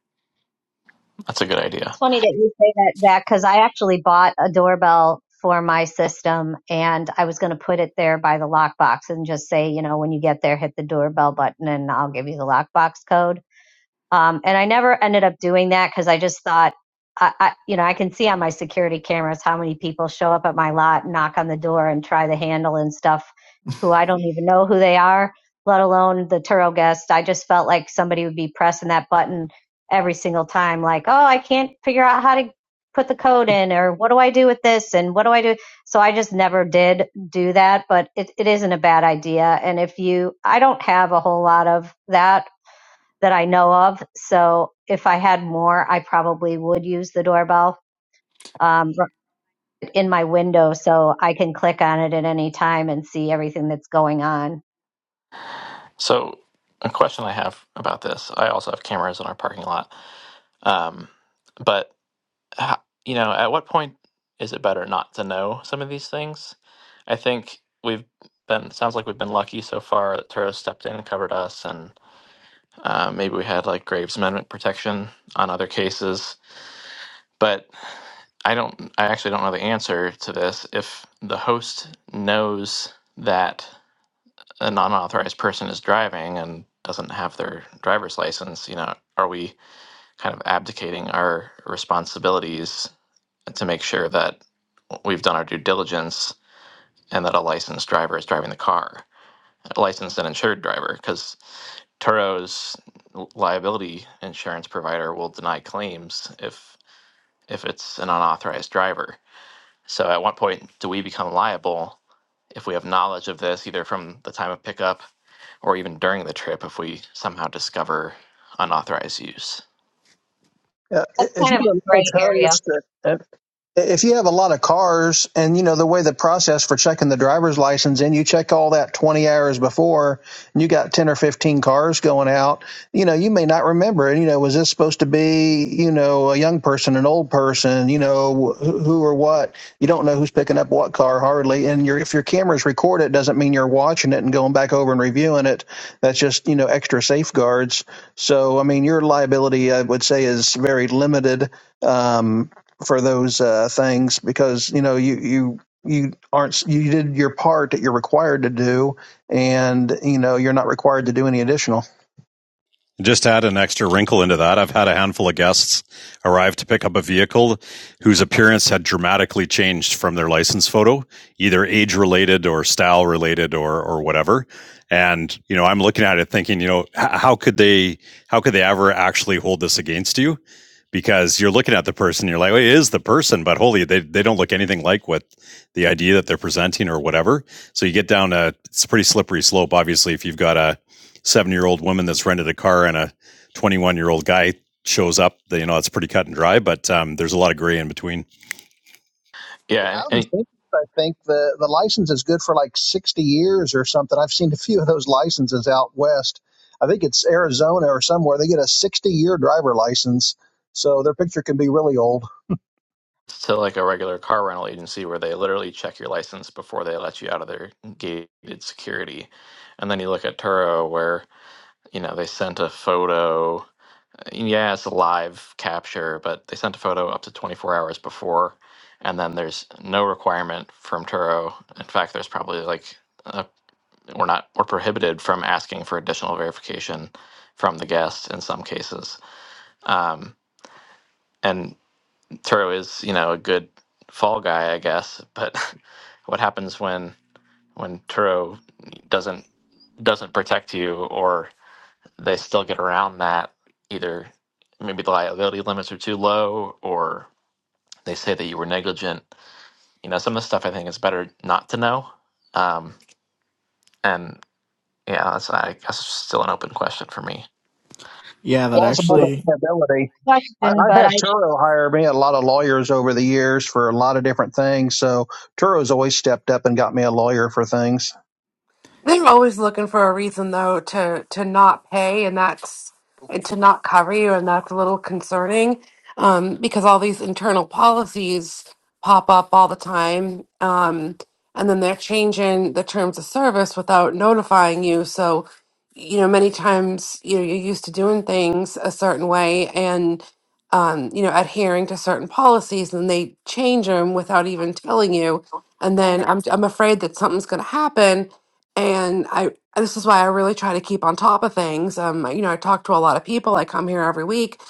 That's a good
It's
idea.
funny that you say that, Jack, because I actually bought a doorbell for my system and I was going to put it there by the lockbox and just say, you know, when you get there, hit the doorbell button and I'll give you the lockbox code. Um, and I never ended up doing that because I just thought, I, I, you know, I can see on my security cameras how many people show up at my lot, knock on the door, and try the handle and stuff, who I don't even know who they are, let alone the Turo guest. I just felt like somebody would be pressing that button every single time, like, oh, I can't figure out how to put the code in, or what do I do with this, and what do I do? So I just never did do that, but it, it isn't a bad idea. And if you, I don't have a whole lot of that that I know of. So if I had more, I probably would use the doorbell um, in my window so I can click on it at any time and see everything that's going on.
So, a question I have about this: I also have cameras in our parking lot, um, but ho- you know, at what point is it better not to know some of these things? I think we've been sounds like we've been lucky so far that Turo stepped in and covered us, and. Uh, maybe we had like Graves Amendment protection on other cases, but I don't. I actually don't know the answer to this. If the host knows that a non-authorized person is driving and doesn't have their driver's license, you know, are we kind of abdicating our responsibilities to make sure that we've done our due diligence and that a licensed driver is driving the car, a licensed and insured driver? Because Turo's liability insurance provider will deny claims if if it's an unauthorized driver. So at what point do we become liable if we have knowledge of this either from the time of pickup or even during the trip if we somehow discover unauthorized use?
Yeah,
That's
if
kind of a
you're a little
gray area.
toast, if you have a lot of cars and you know the way the process for checking the driver's license and you check all that 20 hours before and you got 10 or 15 cars going out you know you may not remember and you know was this supposed to be you know a young person an old person you know wh- who or what you don't know who's picking up what car hardly and your if your cameras record it doesn't mean you're watching it and going back over and reviewing it that's just you know extra safeguards so i mean your liability i would say is very limited Um, for those uh, things because you know you you you aren't you did your part that you're required to do, and you know you're not required to do any additional.
Just add an extra wrinkle into that. I've had a handful of guests arrive to pick up a vehicle whose appearance had dramatically changed from their license photo, either age related or style related or or whatever. And you know, I'm looking at it thinking, you know, how could they how could they ever actually hold this against you? Because you're looking at the person, you're like, well, it is the person, but holy, they, they don't look anything like what the idea that they're presenting or whatever. So you get down a it's a pretty slippery slope. Obviously, if you've got a seven year old woman that's rented a car and a 21 year old guy shows up, you know, it's pretty cut and dry, but um, there's a lot of gray in between.
Yeah,
Yeah, and,
out in
and
Phoenix, I think the the license is good for like sixty years or something. I've seen a few of those licenses out west. I think it's Arizona or somewhere. They get a sixty year driver license, so their picture can be really old.
it's to like a regular car rental agency where they literally check your license before they let you out of their gated security. And then you look at Turo where, you know, they sent a photo yeah, it's a live capture, but they sent a photo up to 24 hours before, and then there's no requirement from Turo. In fact, there's probably like uh we're not we're prohibited from asking for additional verification from the guest in some cases. Um, and Turo is you know a good fall guy, I guess. But what happens when when Turo doesn't doesn't protect you or they still get around that either maybe the liability limits are too low or they say that you were negligent you know some of the stuff i think is better not to know um, and yeah that's i guess still an open question for me
Yeah, that
It's
plausible
So
actually.
deniability.
a
I,
question,
I've
but
had
I
Turo hire me a lot of lawyers over the years for a lot of different things. So Turo's always stepped up and got me a lawyer for things.
They're always looking for a reason though to to not pay, and that's and to not cover you, and that's a little concerning um, because all these internal policies pop up all the time, um, and then they're changing the terms of service without notifying you. So, you know, many times you know you're used to doing things a certain way, and um, you know, adhering to certain policies, and they change them without even telling you. And
And
then I'm
then
I'm afraid that something's going to happen and I this is why I really try to keep on top of things. Um, you know, I talk to a lot of people. I come here every week.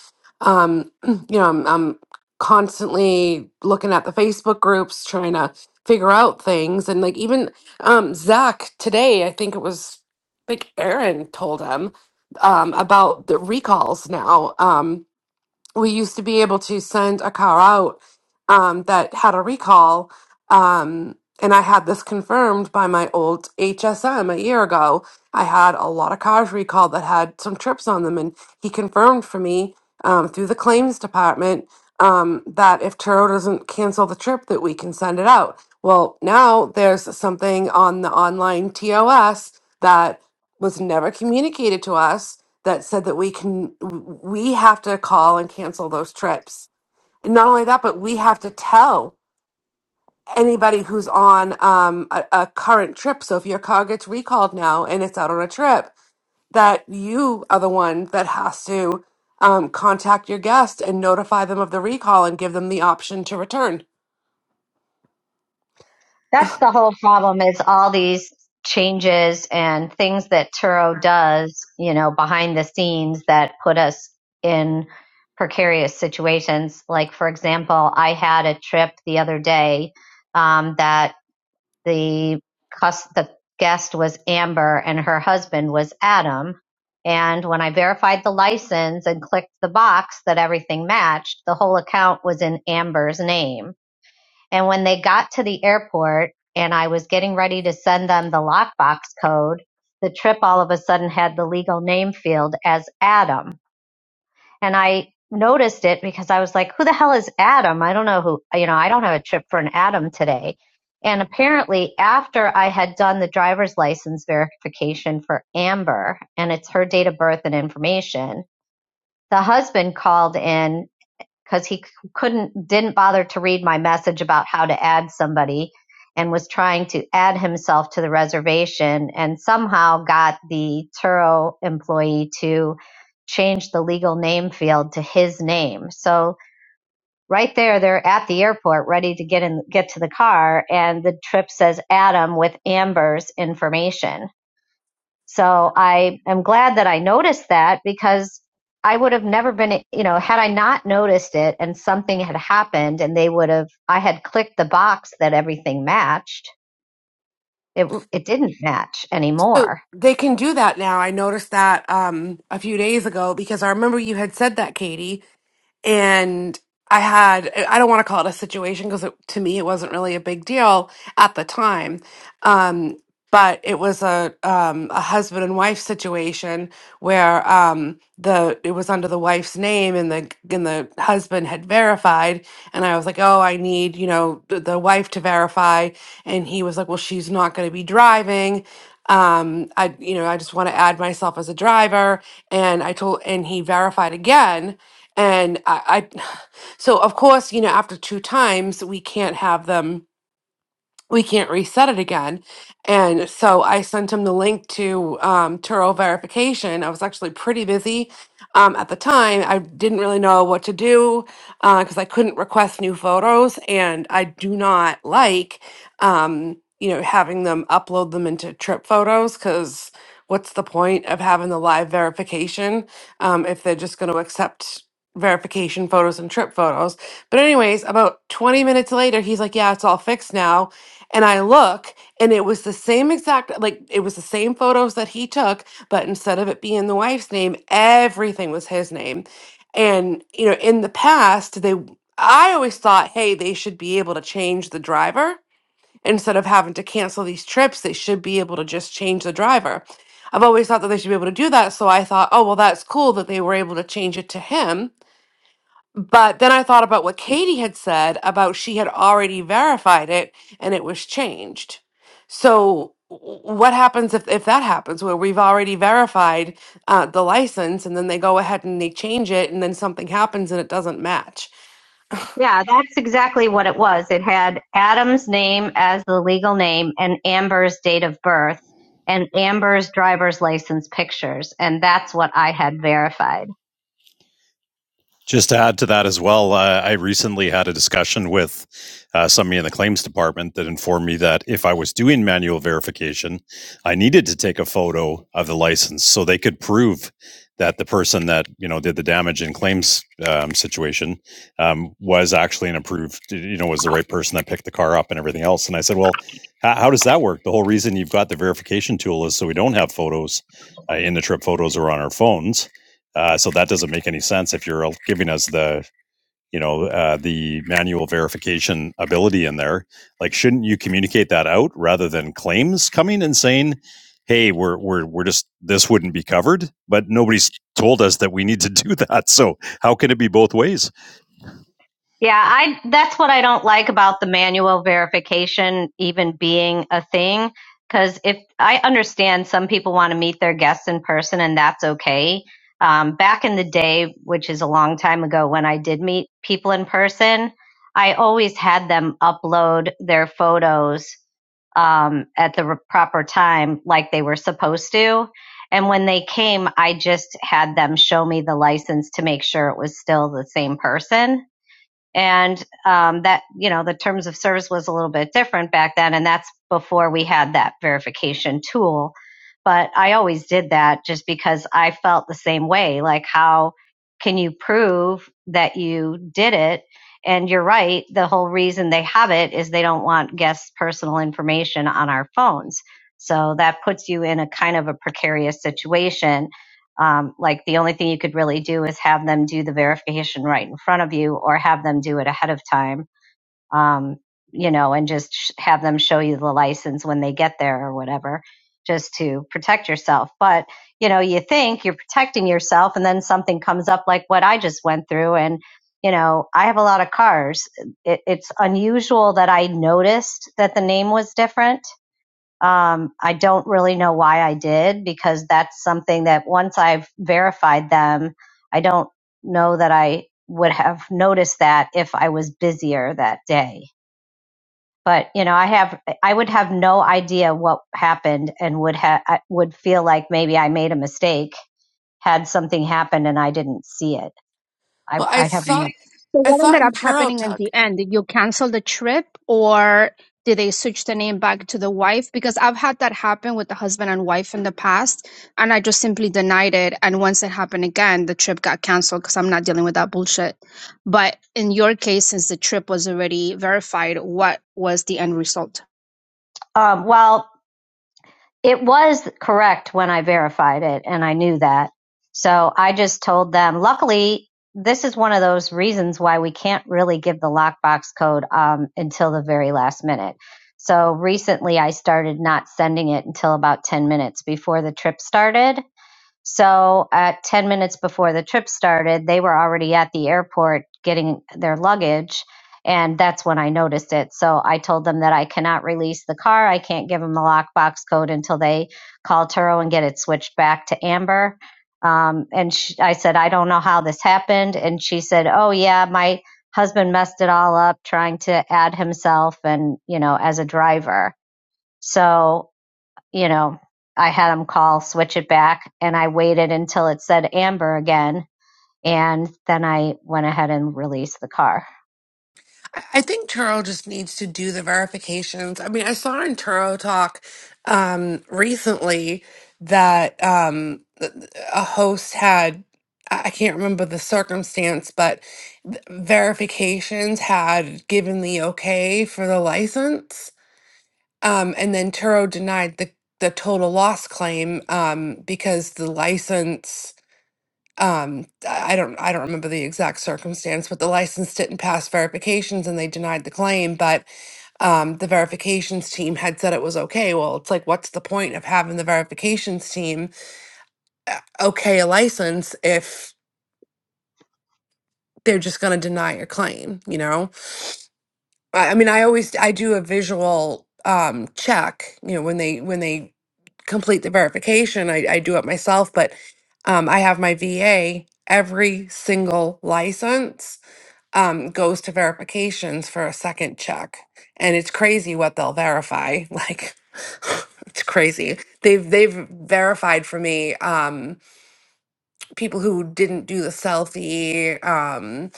Um, you know, I'm, I'm constantly looking at the Facebook groups, trying to figure out things. And like even um, Zach today, I think it was like Aaron told him um, about the recalls now. Um, we used to be able to send a car out um, that had a recall. Um, and I had this confirmed by my old HSM a year ago. I had a lot of cars recalled that had some trips on them, and he confirmed for me um, through the claims department um, that if Turo doesn't cancel the trip, that we can send it out. Well, now there's something on the online TOS that was never communicated to us that said that we can we have to call and cancel those trips and not only that but we have to tell anybody who's on um, a, a current trip so if your car gets recalled now and it's out on a trip that you are the one that has to um, contact your guest and notify them of the recall and give them the option to return
That's the whole problem is all these changes and things that Turo does, you know, behind the scenes that put us in precarious situations. Like, for example, I had a trip the other day um, that the, cus- the guest was Amber and her husband was Adam. And when I verified the license and clicked the box that everything matched, the whole account was in Amber's name and when they got to the airport and I was getting ready to send them the lockbox code, the trip all of a sudden had the legal name field as Adam. And I noticed it because I was like, who the hell is Adam? I don't know who, you know, I don't have a trip for an Adam today. And apparently, after I had done the driver's license verification for Amber and it's her date of birth and information, the husband called in because he couldn't didn't bother to read my message about how to add somebody and was trying to add himself to the reservation and somehow got the Turo employee to change the legal name field to his name. So right there they're at the airport ready to get in get to the car and the trip says Adam with Amber's information so I am glad that I noticed that because I would have never been, you know, had I not noticed it and something had happened and they would have, I had clicked the box that everything matched. It, it didn't match
so
anymore.
they can do that now i noticed that um, a few days ago because i remember you had said that katie and I had I don't want to call it a situation because to me it wasn't really a big deal at the time. Um, but it was a um, a husband and wife situation where um, the it was under the wife's name and the and the husband had verified and I was like oh I need you know the, the wife to verify and he was like well she's not going to be driving um I you know I just want to add myself as a driver and I told and he verified again and I, I so of course you know after two times we can't have them we can't reset it again. And so I sent him the link to um, Turo verification. I was actually pretty busy um, at the time. I didn't really know what to do because I couldn't request new photos, and I do not like, um, you know, having them upload them into Trip Photos because what's the point of having the live verification um, if they're just going to accept verification photos and trip photos but anyways about 20 minutes later he's like yeah it's all fixed now and I look, and it was the same exact, like it was the same photos that he took, but instead of it being the wife's name, everything was his name. And, you know, in the past, they, I always thought, hey, they should be able to change the driver. Instead of having to cancel these trips, they should be able to just change the driver. I've always thought that they should be able to do that. So I thought, oh, well, that's cool that they were able to change it to him but then I thought about what Katie had said about she had already verified it and it was changed. So w- what happens if, if that happens where we've already verified uh, the license and then they go ahead and they change it and then something happens and it doesn't match?
Yeah, that's exactly what it was. It had Adam's name as the legal name and Amber's date of birth and Amber's driver's license pictures. And that's what I had verified.
Just to add to that as well, uh, I recently had a discussion with uh, somebody in the claims department that informed me that if I was doing manual verification, I needed to take a photo of the license so they could prove that the person that you know did the damage in claims um, situation um, was actually an approved, you know, was the right person that picked the car up and everything else. And I said, well, how, how does that work? The whole reason you've got the verification tool is so we don't have photos uh, in the trip photos or on our phones uh, so that doesn't make any sense if you're giving us the you know uh, the manual verification ability in there like shouldn't you communicate that out rather than claims coming and saying hey we're we're we're just this wouldn't be covered but nobody's told us that we need to do that so how can it be both ways
Yeah, I that's what I don't like about the manual verification even being a thing cuz if I understand some people want to meet their guests in person and that's okay. Um back in the day, which is a long time ago when I did meet people in person, I always had them upload their photos um at the re- proper time like they were supposed to. And when they came, I just had them show me the license to make sure it was still the same person and um, that you know the terms of service was a little bit different back then and that's before we had that verification tool but i always did that just because i felt the same way like how can you prove that you did it and you're right the whole reason they have it is they don't want guests personal information on our phones so that puts you in a kind of a precarious situation um, like the only thing you could really do is have them do the verification right in front of you or have them do it ahead of time, um, you know, and just sh- have them show you the license when they get there or whatever, just to protect yourself. But, you know, you think you're protecting yourself and then something comes up like what I just went through. And, you know, I have a lot of cars. It, it's unusual that I noticed that the name was different um, I don't really know why I did because that's something that once I've verified them, I don't know that I would have noticed that if I was busier that day. But you know, I have I would have no idea what happened and would have would feel like maybe I made a mistake had something happened and I didn't see it. I
Well, I
I have no.
saw
So
I
what
saw
ended
in
up happening in
Turtle
the end? Did you cancel the trip or did they switch the name back to the wife? Because I've had that happen with the husband and wife in the past, and I just simply denied it. And once it happened again, the trip got canceled because I'm not dealing with that bullshit. But in your case, since the trip was already verified, what was the end result?
Um, well, it was correct when I verified it, and I knew that. So I just told them. Luckily, this is one of those reasons why we can't really give the lockbox code um, until the very last minute. So recently, I started not sending it until about 10 minutes before the trip started. So at 10 minutes before the trip started, they were already at the airport getting their luggage. And that's when I noticed it. So I told them that I cannot release the car. I can't give them the lockbox code until they call Turo and get it switched back to Amber. Um, and sh I said, I don't know how this happened. And she said, Oh, yeah, my husband messed it all up trying to add himself and, you know, as a driver. So you know, I had them call, switch it back, and I waited until it said amber again. And then I went ahead and released the car.
I I think Turo just needs to do the verifications. I mean, I saw in Turo Talk um, recently that um, th- th- a host had, I I can't remember the circumstance, but th- verifications had given the okay for the license. Um, and then Turo denied the, the total loss claim um, because the license, um, I I don't, I don't remember the exact circumstance, but the license didn't pass verifications and they denied the claim. But um, the verifications team had said it was okay. Well, it's like, what's the point of having the verifications team uh, okay a license if they're just going to deny your claim, you know? I, I mean, I always I do a visual um check, you know, when they when they complete the verification, I, I do it myself, but um I have my VA every single license um goes to verifications for a second check. And it's crazy what they'll verify. Like it's crazy. They've they've verified for me. Um people who didn't do the selfie um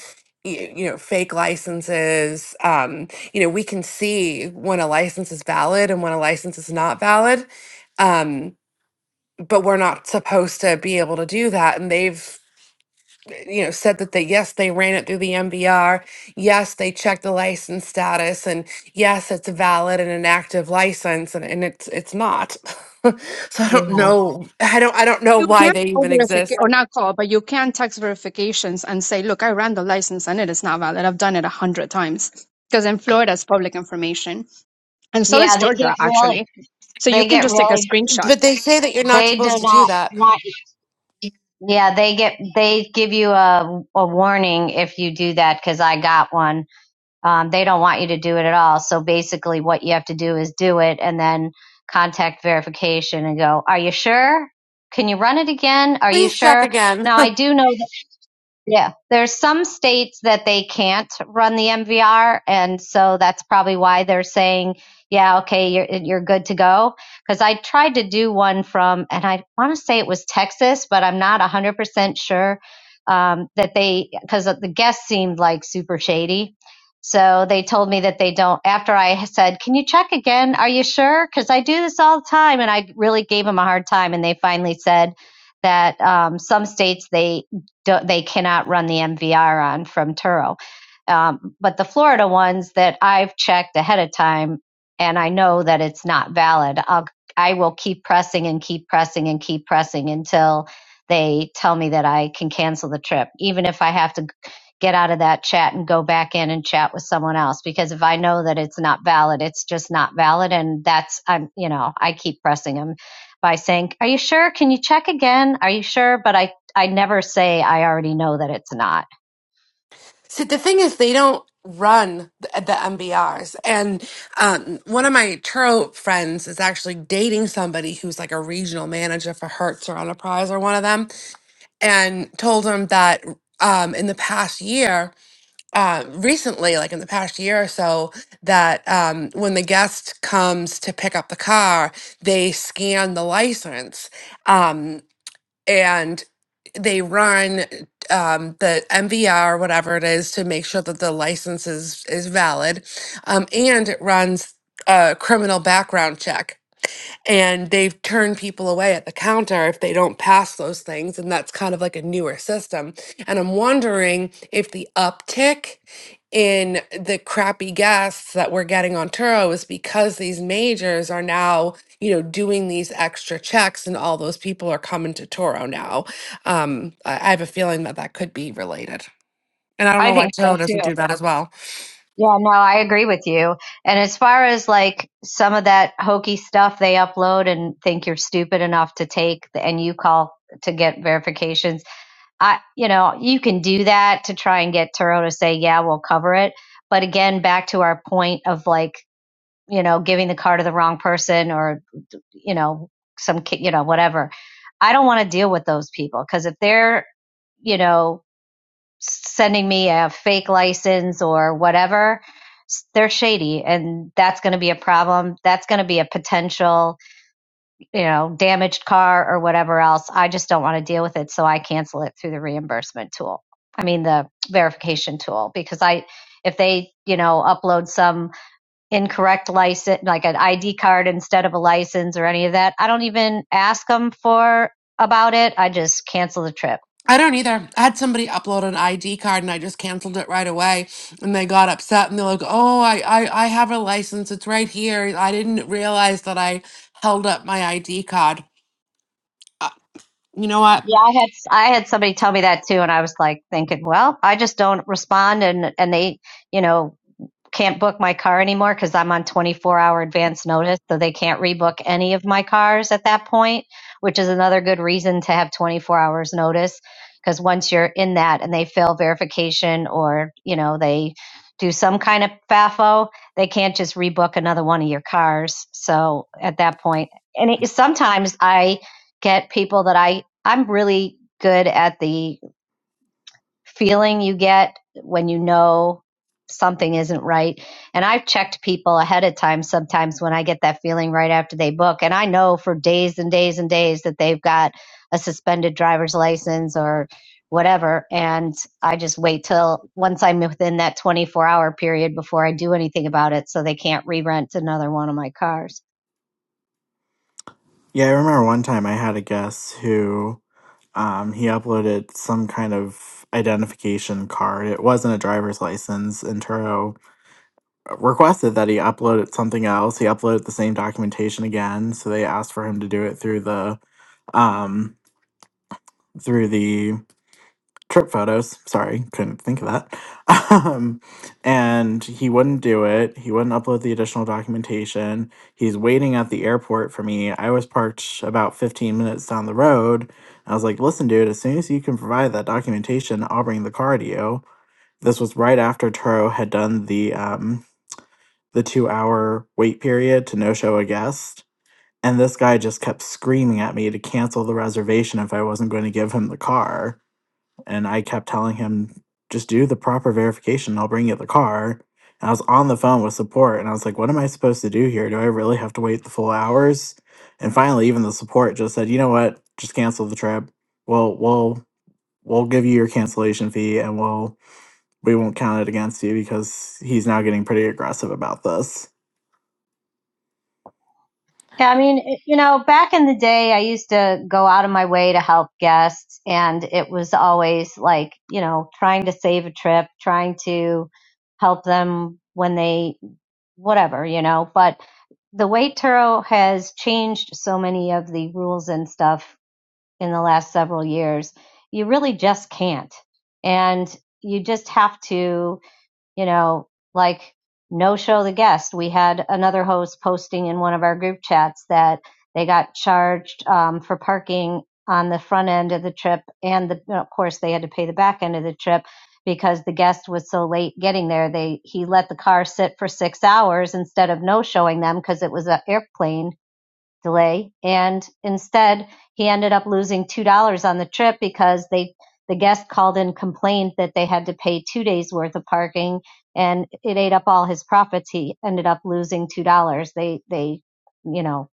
you, you know fake licenses um you know we can see when a license is valid and when a license is not valid um but we're not supposed to be able to do that and they've you know said that they yes they ran it through the MBR yes they checked the license status and yes it's valid and an active license and, and it's it's not so I don't
Yeah.
know I don't I don't know
You
why
can
they
call
even
verification,
exist
or not call, but you can text verifications and say, look, I ran the license and it is not valid. I've done it a hundred times. Because in Florida, it's public information. And so is
Yeah, they get
Georgia,
really,
actually. So you
they
can
get
just take a
really,
screenshot.
But they say that you're not
they do
supposed to do
not
that.
want, yeah, they get, they give you a, a warning if you do that because I got one. Um, they don't want you to do it at all. So basically, what you have to do is do it and then contact verification and go, Are you sure? Can you run it again? Are you
Please check
sure?
again.
Now, I do know Yeah, there's some states that they can't run the MVR, and so that's probably why they're saying, "Yeah, okay, you're you're good to go." Because I tried to do one from, and I want to say it was Texas, but I'm not 100% sure um, that they because the guest seemed like super shady. So they told me that they don't. After I said, "Can you check again? Are you sure?" Because I do this all the time, and I really gave them a hard time, and they finally said that um, some states they don't, they cannot run the MVR on from Turo. Um, but the Florida ones that I've checked ahead of time, and I know that it's not valid, I'll, I will keep pressing and keep pressing and keep pressing until they tell me that I can cancel the trip, even if I have to get out of that chat and go back in and chat with someone else. Because if I know that it's not valid, it's just not valid, and that's I'm you know I keep pressing them by saying, "Are you sure? Can you check again? Are you sure?" But I I never say I already know that it's not.
See, the thing is, they don't run the, the MBRs. And um, one of my Turo friends is actually dating somebody who's like a regional manager for Hertz or Enterprise or one of them, and told him that um, in the past year, uh, recently, like in the past year or so, that um, when the guest comes to pick up the car, they scan the license. Um, and they run um, the MVR, whatever it is, to make sure that the license is, is valid. Um, and it runs a criminal background check and they've turned people away at the counter if they don't pass those things and that's kind of like a newer system and i'm wondering if the uptick in the crappy guests that we're getting on Turo is because these majors are now, you know, doing these extra checks and all those people are coming to Toro now. Um, I I have a feeling that that could be related. And I don't
I
know why
think so
Turo doesn't
too.
do that as well.
Yeah, no, I agree with you. And as far as like some of that hokey stuff they upload and think you're stupid enough to take the, and you call to get verifications, I, you know, you can do that to try and get Turo to say, yeah, we'll cover it. But again, back to our point of like you know, giving the car to the wrong person or, you know, some kid, you know, whatever. I don't want to deal with those people because if they're, you know, sending me a fake license or whatever, they're shady and that's going to be a problem. That's going to be a potential, you know, damaged car or whatever else. I just don't want to deal with it. So I cancel it through the reimbursement tool. I mean, the verification tool because I, if they, you know, upload some incorrect license, like an ID card instead of a license or any of that. I don't even ask them for about it. I just cancel the trip.
I don't either. I had somebody upload an ID card and I just canceled it right away. And they got upset and they're like, oh, I, I, I have a license. It's right here. I didn't realize that I held up my ID card. Uh, you know what?
Yeah, I had I had somebody tell me that too, and I was like thinking, well, I just don't respond, and and they, you know, can't book my car anymore because I'm on 24 hour advance notice. So they can't rebook any of my cars at that point, which is another good reason to have 24 hours notice. Because once you're in that and they fail verification or, you know, they do some kind of FAFO, they can't just rebook another one of your cars. So at that point, and it, sometimes I get people that I, I'm really good at the feeling you get when you know something isn't right. And I've checked people ahead of time sometimes when I get that feeling right after they book. And I know for days and days and days that they've got a suspended driver's license or whatever. And I just wait till once I'm within that 24 hour period before I do anything about it so they can't re rent another one of my cars.
yeah, I remember one time I had a guest who um, he uploaded some kind of identification card. It wasn't a driver's license. And Turo requested that he uploaded something else. He uploaded the same documentation again, so they asked for him to do it through the um, through the trip photos. Sorry, couldn't think of that. Um, and he wouldn't do it. He wouldn't upload the additional documentation. He's waiting at the airport for me. I was parked about 15 minutes down the road. I was like, listen, dude, as soon as you can provide that documentation, I'll bring the car to you. This was right after Turo had done the um, the two hour wait period to no show a guest. And this guy just kept screaming at me to cancel the reservation if I wasn't going to give him the car and I kept telling him, just do the proper verification. I'll bring you the car. And I was on the phone with support and I was like, what am I supposed to do here? Do I really have to wait the full hours? And finally, even the support just said, you know what? Just cancel the trip. We'll, we'll, we'll give you your cancellation fee and we'll, we won't count it against you because he's now getting pretty aggressive about this.
Yeah, I mean, it- you know, back in the day, I used to go out of my way to help guests, and it was always like, you know, trying to save a trip, trying to help them when they, whatever, you know. But the way Turo has changed so many of the rules and stuff in the last several years, you really just can't. And you just have to you know, like no show the guest. We had another host posting in one of our group chats that they got charged um, for parking on the front end of the trip, and the, of course they had to pay the back end of the trip because the guest was so late getting there. They he let the car sit for six hours instead of no showing them because it was an airplane delay and instead he ended up losing two dollars on the trip because they the guest called and complained that they had to pay two days worth of parking and it ate up all his profits he ended up losing two dollars they they you know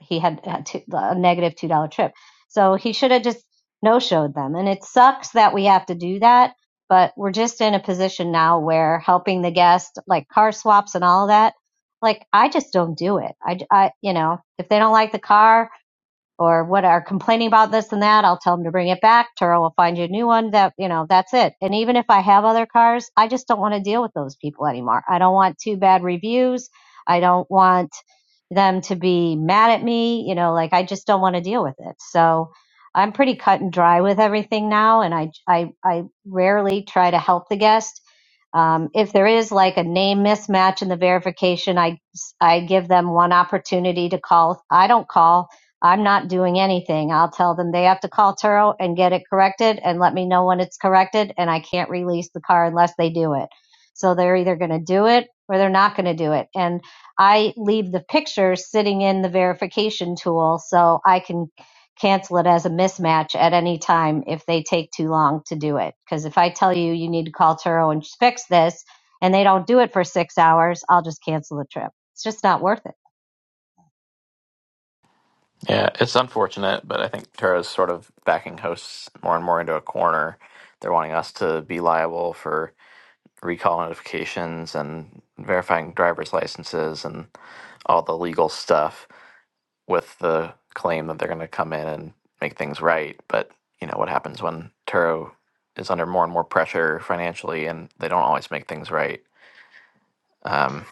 he had had two, a negative two dollar trip. So he should have just no showed them. And it sucks that we have to do that, but we're just in a position now where helping the guest, like car swaps and all that. Like I just don't do it. I, I you know, if they don't like the car, or what are complaining about this and that, I'll tell them to bring it back. Turo will find you a new one that, you know, that's it. And even if I have other cars, I just don't want to deal with those people anymore. I don't want too bad reviews. I don't want them to be mad at me, you know, like I just don't want to deal with it. So I'm pretty cut and dry with everything now. And I, I, I rarely try to help the guest. Um, if there is like a name mismatch in the verification, I, I give them one opportunity to call. I don't call. I'm not doing anything. I'll tell them they have to call Turo and get it corrected and let me know when it's corrected, and I can't release the car unless they do it. So they're either going to do it or they're not going to do it. And I leave the picture sitting in the verification tool so I can cancel it as a mismatch at any time if they take too long to do it. Because if I tell you you need to call Turo and fix this and they don't do it for six hours, I'll just cancel the trip. It's just not worth it.
yeah it's unfortunate but i think tara's sort of backing hosts more and more into a corner they're wanting us to be liable for recall notifications and verifying driver's licenses and all the legal stuff with the claim that they're going to come in and make things right. But you know what happens when Turo is under more and more pressure financially, and they don't always make things right. Um,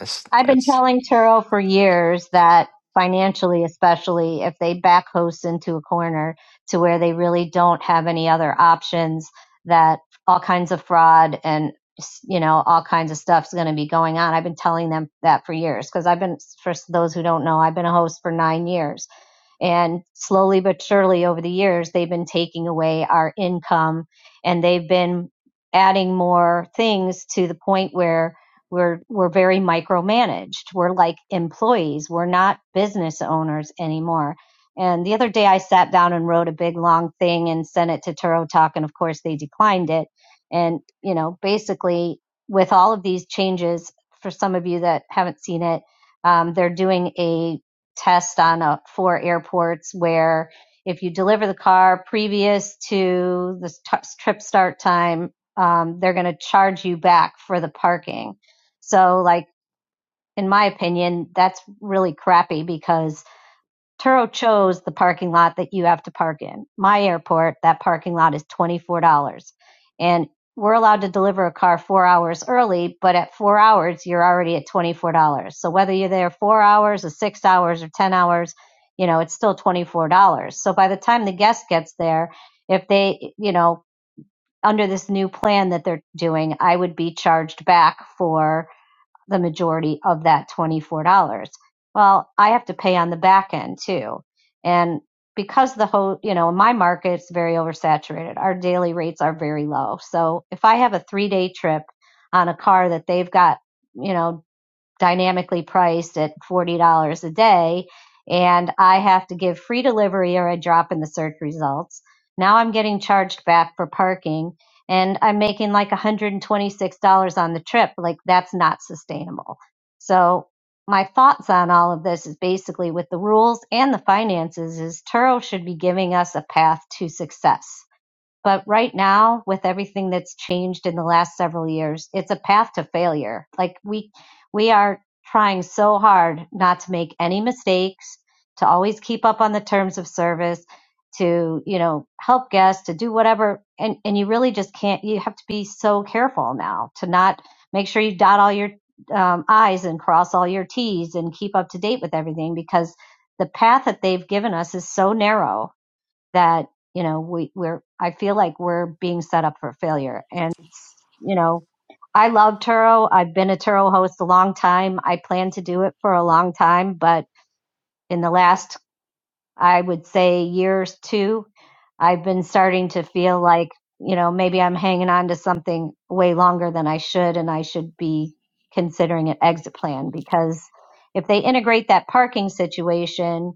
it's
I've been
it's
telling Turo for years that financially, especially if they back host into a corner to where they really don't have any other options, that all kinds of fraud and you know all kinds of stuff's going to be going on. I've been telling them that for years because I've been for those who don't know, I've been a host for nine years and slowly but surely over the years, they've been taking away our income and they've been adding more things to the point where we're, we're very micromanaged. We're like employees. We're not business owners anymore. And the other day I sat down and wrote a big long thing and sent it to Turo Talk. And of course they declined it. And, you know, basically with all of these changes, for some of you that haven't seen it, um, they're doing a test on a four airports where if you deliver the car previous to the st- trip start time, um, they're going to charge you back for the parking. So, like in my opinion, that's really crappy because Turo chose the parking lot that you have to park in. My airport, that parking lot is $24. And we're allowed to deliver a car four hours early, but at four hours, you're already at $24. So whether you're there four hours or six hours or 10 hours, you know, it's still $24. So by the time the guest gets there, if they, you know, under this new plan that they're doing, I would be charged back for the majority of that $24. Well, I have to pay on the back end too. And because the whole, you know, my market's very oversaturated, our daily rates are very low. So if I have a three day trip on a car that they've got, you know, dynamically priced at $40 a day and I have to give free delivery or I drop in the search results. Now I'm getting charged back for parking and I'm making like $126 on the trip. Like that's not sustainable. So my thoughts on all of this is basically with the rules and the finances is Turo should be giving us a path to success but right now, with everything that's changed in the last several years, it's a path to failure. Like we we are trying so hard not to make any mistakes, to always keep up on the terms of service, to, you know, help guests, to do whatever and and you really just can't you have to be so careful now to not make sure you dot all your um, I's and cross all your T's and keep up to date with everything because the path that they've given us is so narrow that you know we we're I feel like we're being set up for failure. And you know, I love Turo. I've been a Turo host a long time. I plan to do it for a long time, but in the last I would say years two, I've been starting to feel like you know maybe I'm hanging on to something way longer than I should, and I should be considering an exit plan because if they integrate that parking situation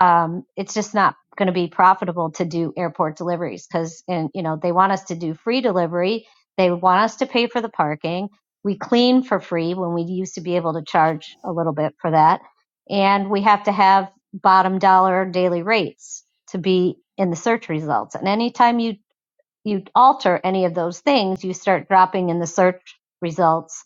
um, it's just not going to be profitable to do airport deliveries because and you know they want us to do free delivery they want us to pay for the parking we clean for free when we used to be able to charge a little bit for that and we have to have bottom dollar daily rates to be in the search results and anytime you you alter any of those things you start dropping in the search results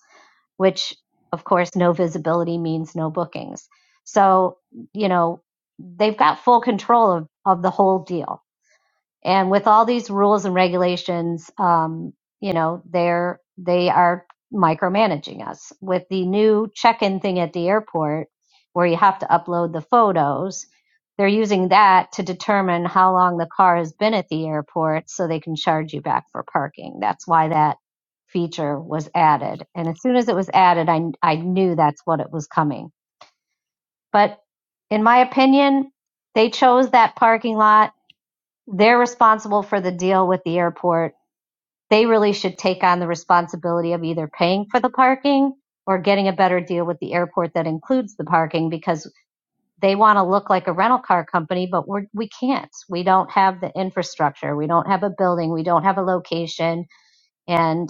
which of course no visibility means no bookings. So, you know, they've got full control of, of the whole deal and with all these rules and regulations um, you know they're they are micromanaging us with the new check-in thing at the airport where you have to upload the photos they're using that to determine how long the car has been at the airport so they can charge you back for parking that's why that feature was added and as soon as it was added i, I knew that's what it was coming but in my opinion they chose that parking lot they're responsible for the deal with the airport. They really should take on the responsibility of either paying for the parking or getting a better deal with the airport that includes the parking because they want to look like a rental car company, but we're, we can't. We don't have the infrastructure. We don't have a building. We don't have a location. And,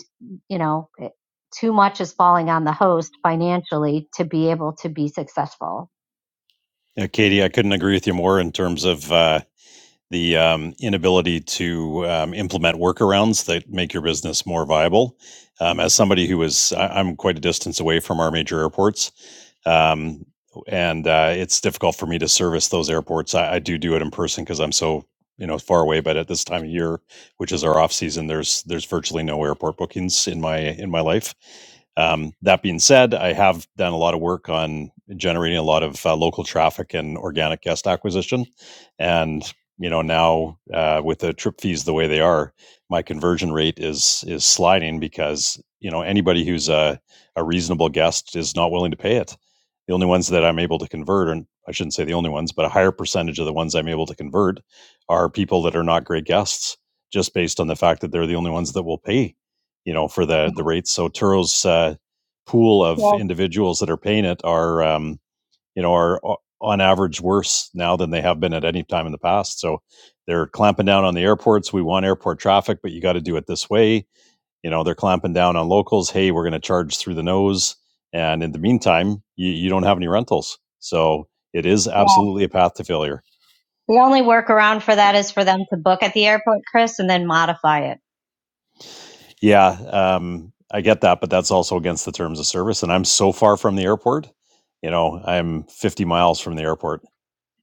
you know, it- too much is falling on the host financially to be able to be successful.
Yeah, Katie, I couldn't agree with you more in terms of. Uh, the um, inability to um, implement workarounds that make your business more viable. Um, as somebody who is, I- I'm quite a distance away from our major airports, um, and uh, it's difficult for me to service those airports. I, I do do it in person because I'm so you know far away. But at this time of year, which is our off season, there's there's virtually no airport bookings in my in my life. Um, that being said, I have done a lot of work on generating a lot of uh, local traffic and organic guest acquisition, and you know now uh, with the trip fees the way they are my conversion rate is is sliding because you know anybody who's a, a reasonable guest is not willing to pay it the only ones that i'm able to convert and i shouldn't say the only ones but a higher percentage of the ones i'm able to convert are people that are not great guests just based on the fact that they're the only ones that will pay you know for the the rates so turo's uh, pool of
Yes,
individuals that are paying it are um, you know, are on average worse now than they have been at any time in the past. So they're clamping down on the airports. We want airport traffic, but you got to do it this way. You know, they're clamping down on locals. Hey, we're going to charge through the nose. And in the meantime, you, you don't have any rentals. So it is
yeah.
absolutely a path to failure.
The only workaround for that is for them to book at the airport, Chris, and then modify it.
Yeah, um, I get that, but that's also against the terms of service. And I'm so far from the airport. You know, I'm 50 miles from the airport.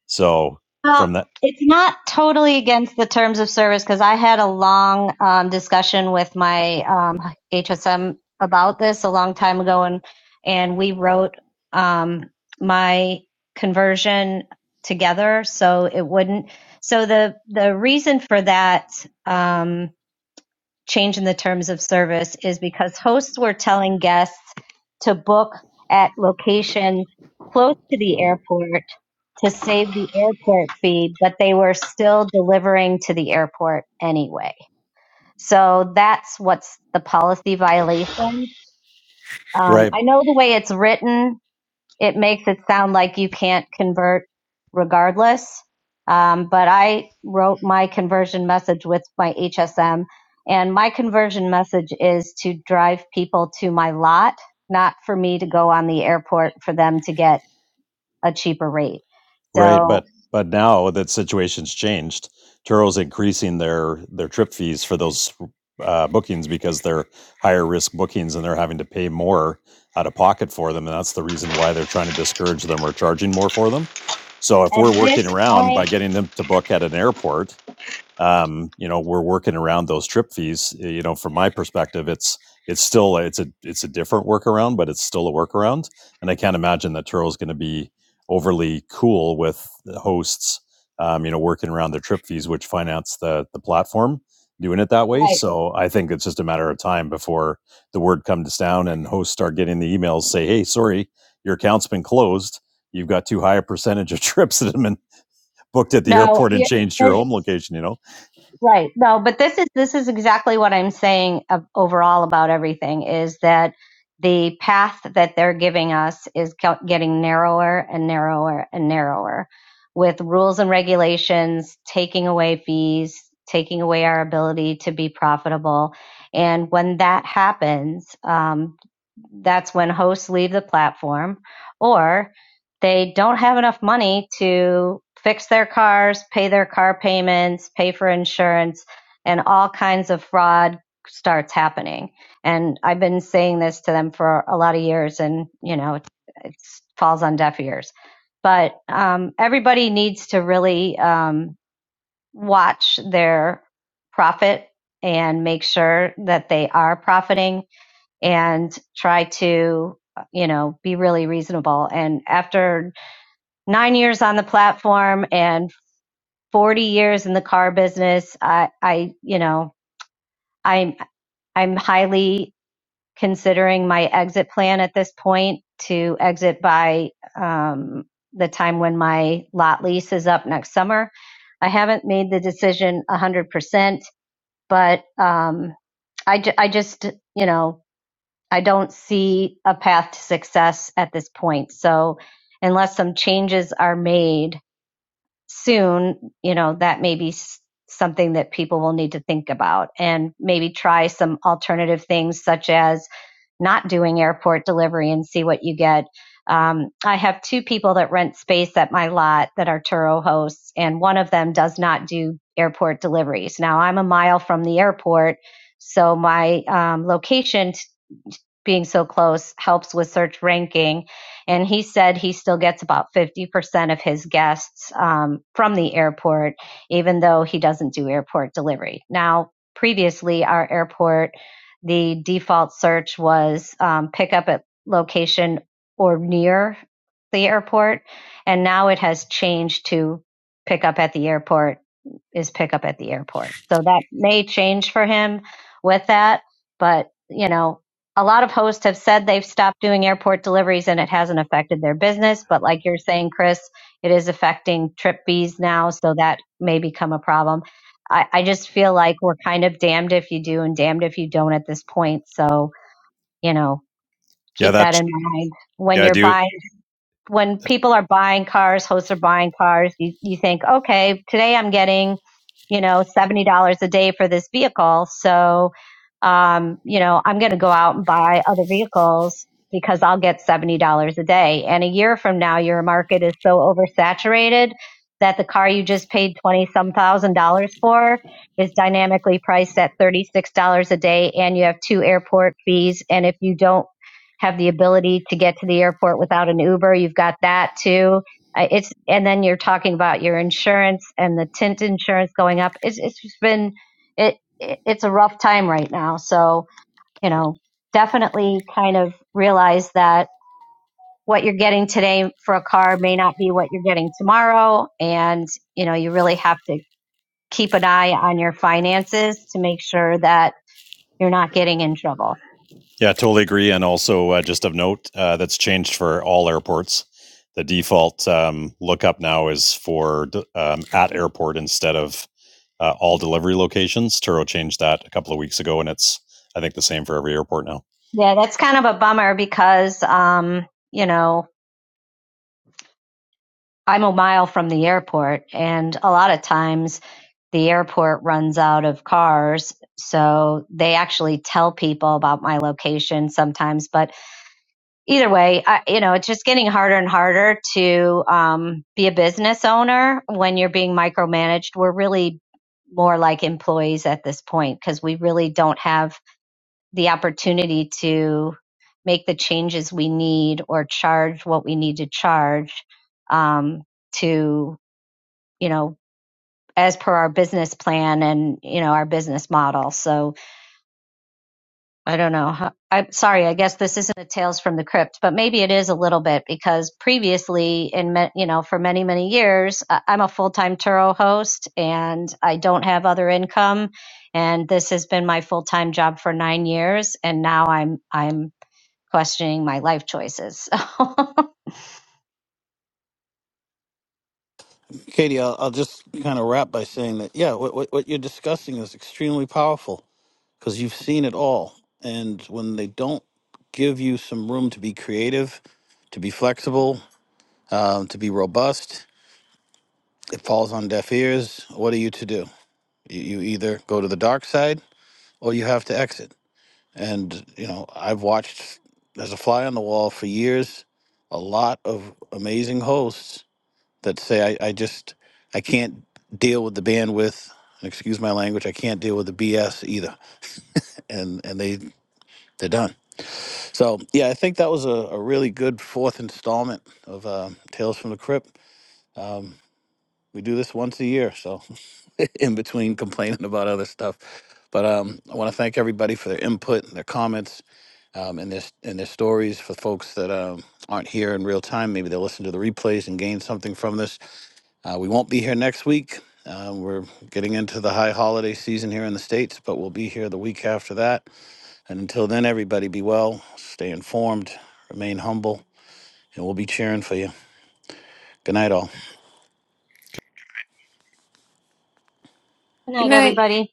So
Well,
from that,
it's not totally against the terms of service because I had a long um, discussion with my um, HSM about this a long time ago, and and we wrote um, my conversion together so it wouldn't. So the the reason for that um, change in the terms of service is because hosts were telling guests to book at locations close to the airport to save the airport fee, but they were still delivering to the airport anyway. So that's what's the policy violation. Um,
right.
I know the way it's written, it makes it sound like you can't convert regardless. Um, but I wrote my conversion message with my HSM, and my conversion message is to drive people to my lot, not for me to go on the airport for them to get a cheaper rate.
Right,
So
but but now that situation's changed. Turo's increasing their their trip fees for those uh, bookings because they're higher risk bookings and they're having to pay more out of pocket for them, and that's the reason why they're trying to discourage them or charging more for them. So if
at
we're working
this
around
point,
by getting them to book at an airport um, you know, we're working around those trip fees. eh, You know, from my perspective, it's it's still it's a it's a different workaround, but it's still a workaround. And I can't imagine that Turo is going to be overly cool with the hosts, um, you know, working around their trip fees, which finance the the platform doing it that way.
Right.
So I think it's just a matter of time before the word comes down and hosts start getting the emails say, "Hey, sorry, your account's been closed. You've got too high a percentage of trips that have been booked at the
No,
airport and
you
changed your home
there's,
location, you know?
right. No, but this is this is exactly what I'm saying of, overall about everything is that the path that they're giving us is co- getting narrower and narrower and narrower with rules and regulations taking away fees, taking away our ability to be profitable. And when that happens, um, that's when hosts leave the platform or. they don't have enough money to fix their cars, pay their car payments, pay for insurance, and all kinds of fraud starts happening. And I've been saying this to them for a lot of years, and you know, it it's- falls on deaf ears. But um, everybody needs to really um, watch their profit and make sure that they are profiting and try to you know be really reasonable and after nine years on the platform and 40 years in the car business i i you know i'm i'm highly considering my exit plan at this point to exit by um, the time when my lot lease is up next summer i haven't made the decision 100% but um, I, ju- I just you know i don't see a path to success at this point so unless some changes are made soon, you know, that may be something that people will need to think about and maybe try some alternative things such as not doing airport delivery and see what you get. Um, I have two people that rent space at my lot that are Turo hosts, and one of them does not do airport deliveries. Now, I'm a mile from the airport, so my um, location being so close helps with search ranking. And he said he still gets about 50% of his guests um, from the airport, even though he doesn't do airport delivery. Now, previously, our airport, the default search was um, pick up at location or near the airport. And now it has changed to pick up at the airport is pick up at the airport. So that may change for him with that, but you know, a lot of hosts have said they've stopped doing airport deliveries and it hasn't affected their business, but like you're saying Chris, it is affecting trip fees now, so that may become a problem. I, I just feel like we're kind of damned if you do and damned if you don't at this point. So, you know,
Yeah,
keep that
that
in mind when
yeah, I
you're
do.
buying when people are buying cars, hosts are buying cars, you, you think, okay, today I'm getting, you know, $70 a day for this vehicle. So, um, you know, I'm going to go out and buy other vehicles because I'll get $70 a day. And a year from now, your market is so oversaturated that the car you just paid 20 some thousand dollars for is dynamically priced at $36 a day and you have two airport fees. And if you don't have the ability to get to the airport without an Uber. You've got that too. Uh, It's and then you're talking about your insurance and the tint insurance going up. It's it's just been it it- it's a rough time right now. So you know definitely kind of realize that what you're getting today for a car may not be what you're getting tomorrow, and you know you really have to keep an eye on your finances to make sure that you're not getting in trouble.
Yeah, I totally agree. And also, uh, just of note, uh, that's changed for all airports. The default um, lookup now is for d- um, at airport instead of uh, all delivery locations. Turo changed that a couple of weeks ago, and it's I think the same for every airport now.
Yeah, that's kind of a bummer because um, you know I'm a mile from the airport, and a lot of times the airport runs out of cars. So they actually tell people about my location sometimes. But either way, I, you know, it's just getting harder and harder to um, be a business owner when you're being micromanaged. We're really more like employees at this point because we really don't have the opportunity to make the changes we need or charge what we need to charge um, to you know, as per our business plan and, you know, our business model. So I don't know. how- I'm sorry. I guess this isn't a Tales from the Crypt, but maybe it is a little bit because previously in, ma- you know, for many, many years, I- I'm a full-time Turo host and I don't have other income. And this has been my full-time job for nine years. And now I'm, I'm questioning my life choices. Good
Katie, I'll, I'll just kind of wrap by saying that, yeah, what, what, what you're discussing is extremely powerful. because you've seen it all. And when they don't give you some room to be creative, to be flexible, um, to be robust, it falls on deaf ears. What are you to do? You, you either go to the dark side or you have to exit. And, you know, I've watched as a fly on the wall for years a lot of amazing hosts that say, I, I just, I can't deal with the bandwidth. And excuse my language. I can't deal with the BS either, and and they they're done So yeah, I think that was a, a really good fourth installment of uh, Tales from the Crypt. Um, we do this once a year, so in between complaining about other stuff. But um, I want to thank everybody for their input, and their comments, um, and their and their stories. For folks that um, aren't here in real time, maybe they'll listen to the replays and gain something from this. Uh, we won't be here next week. Um, we're getting into the high holiday season here in the states, but we'll be here the week after that. And until then, everybody be well, stay informed, remain humble, and we'll be cheering for you. Good night, all.
Good
night,
night.
everybody.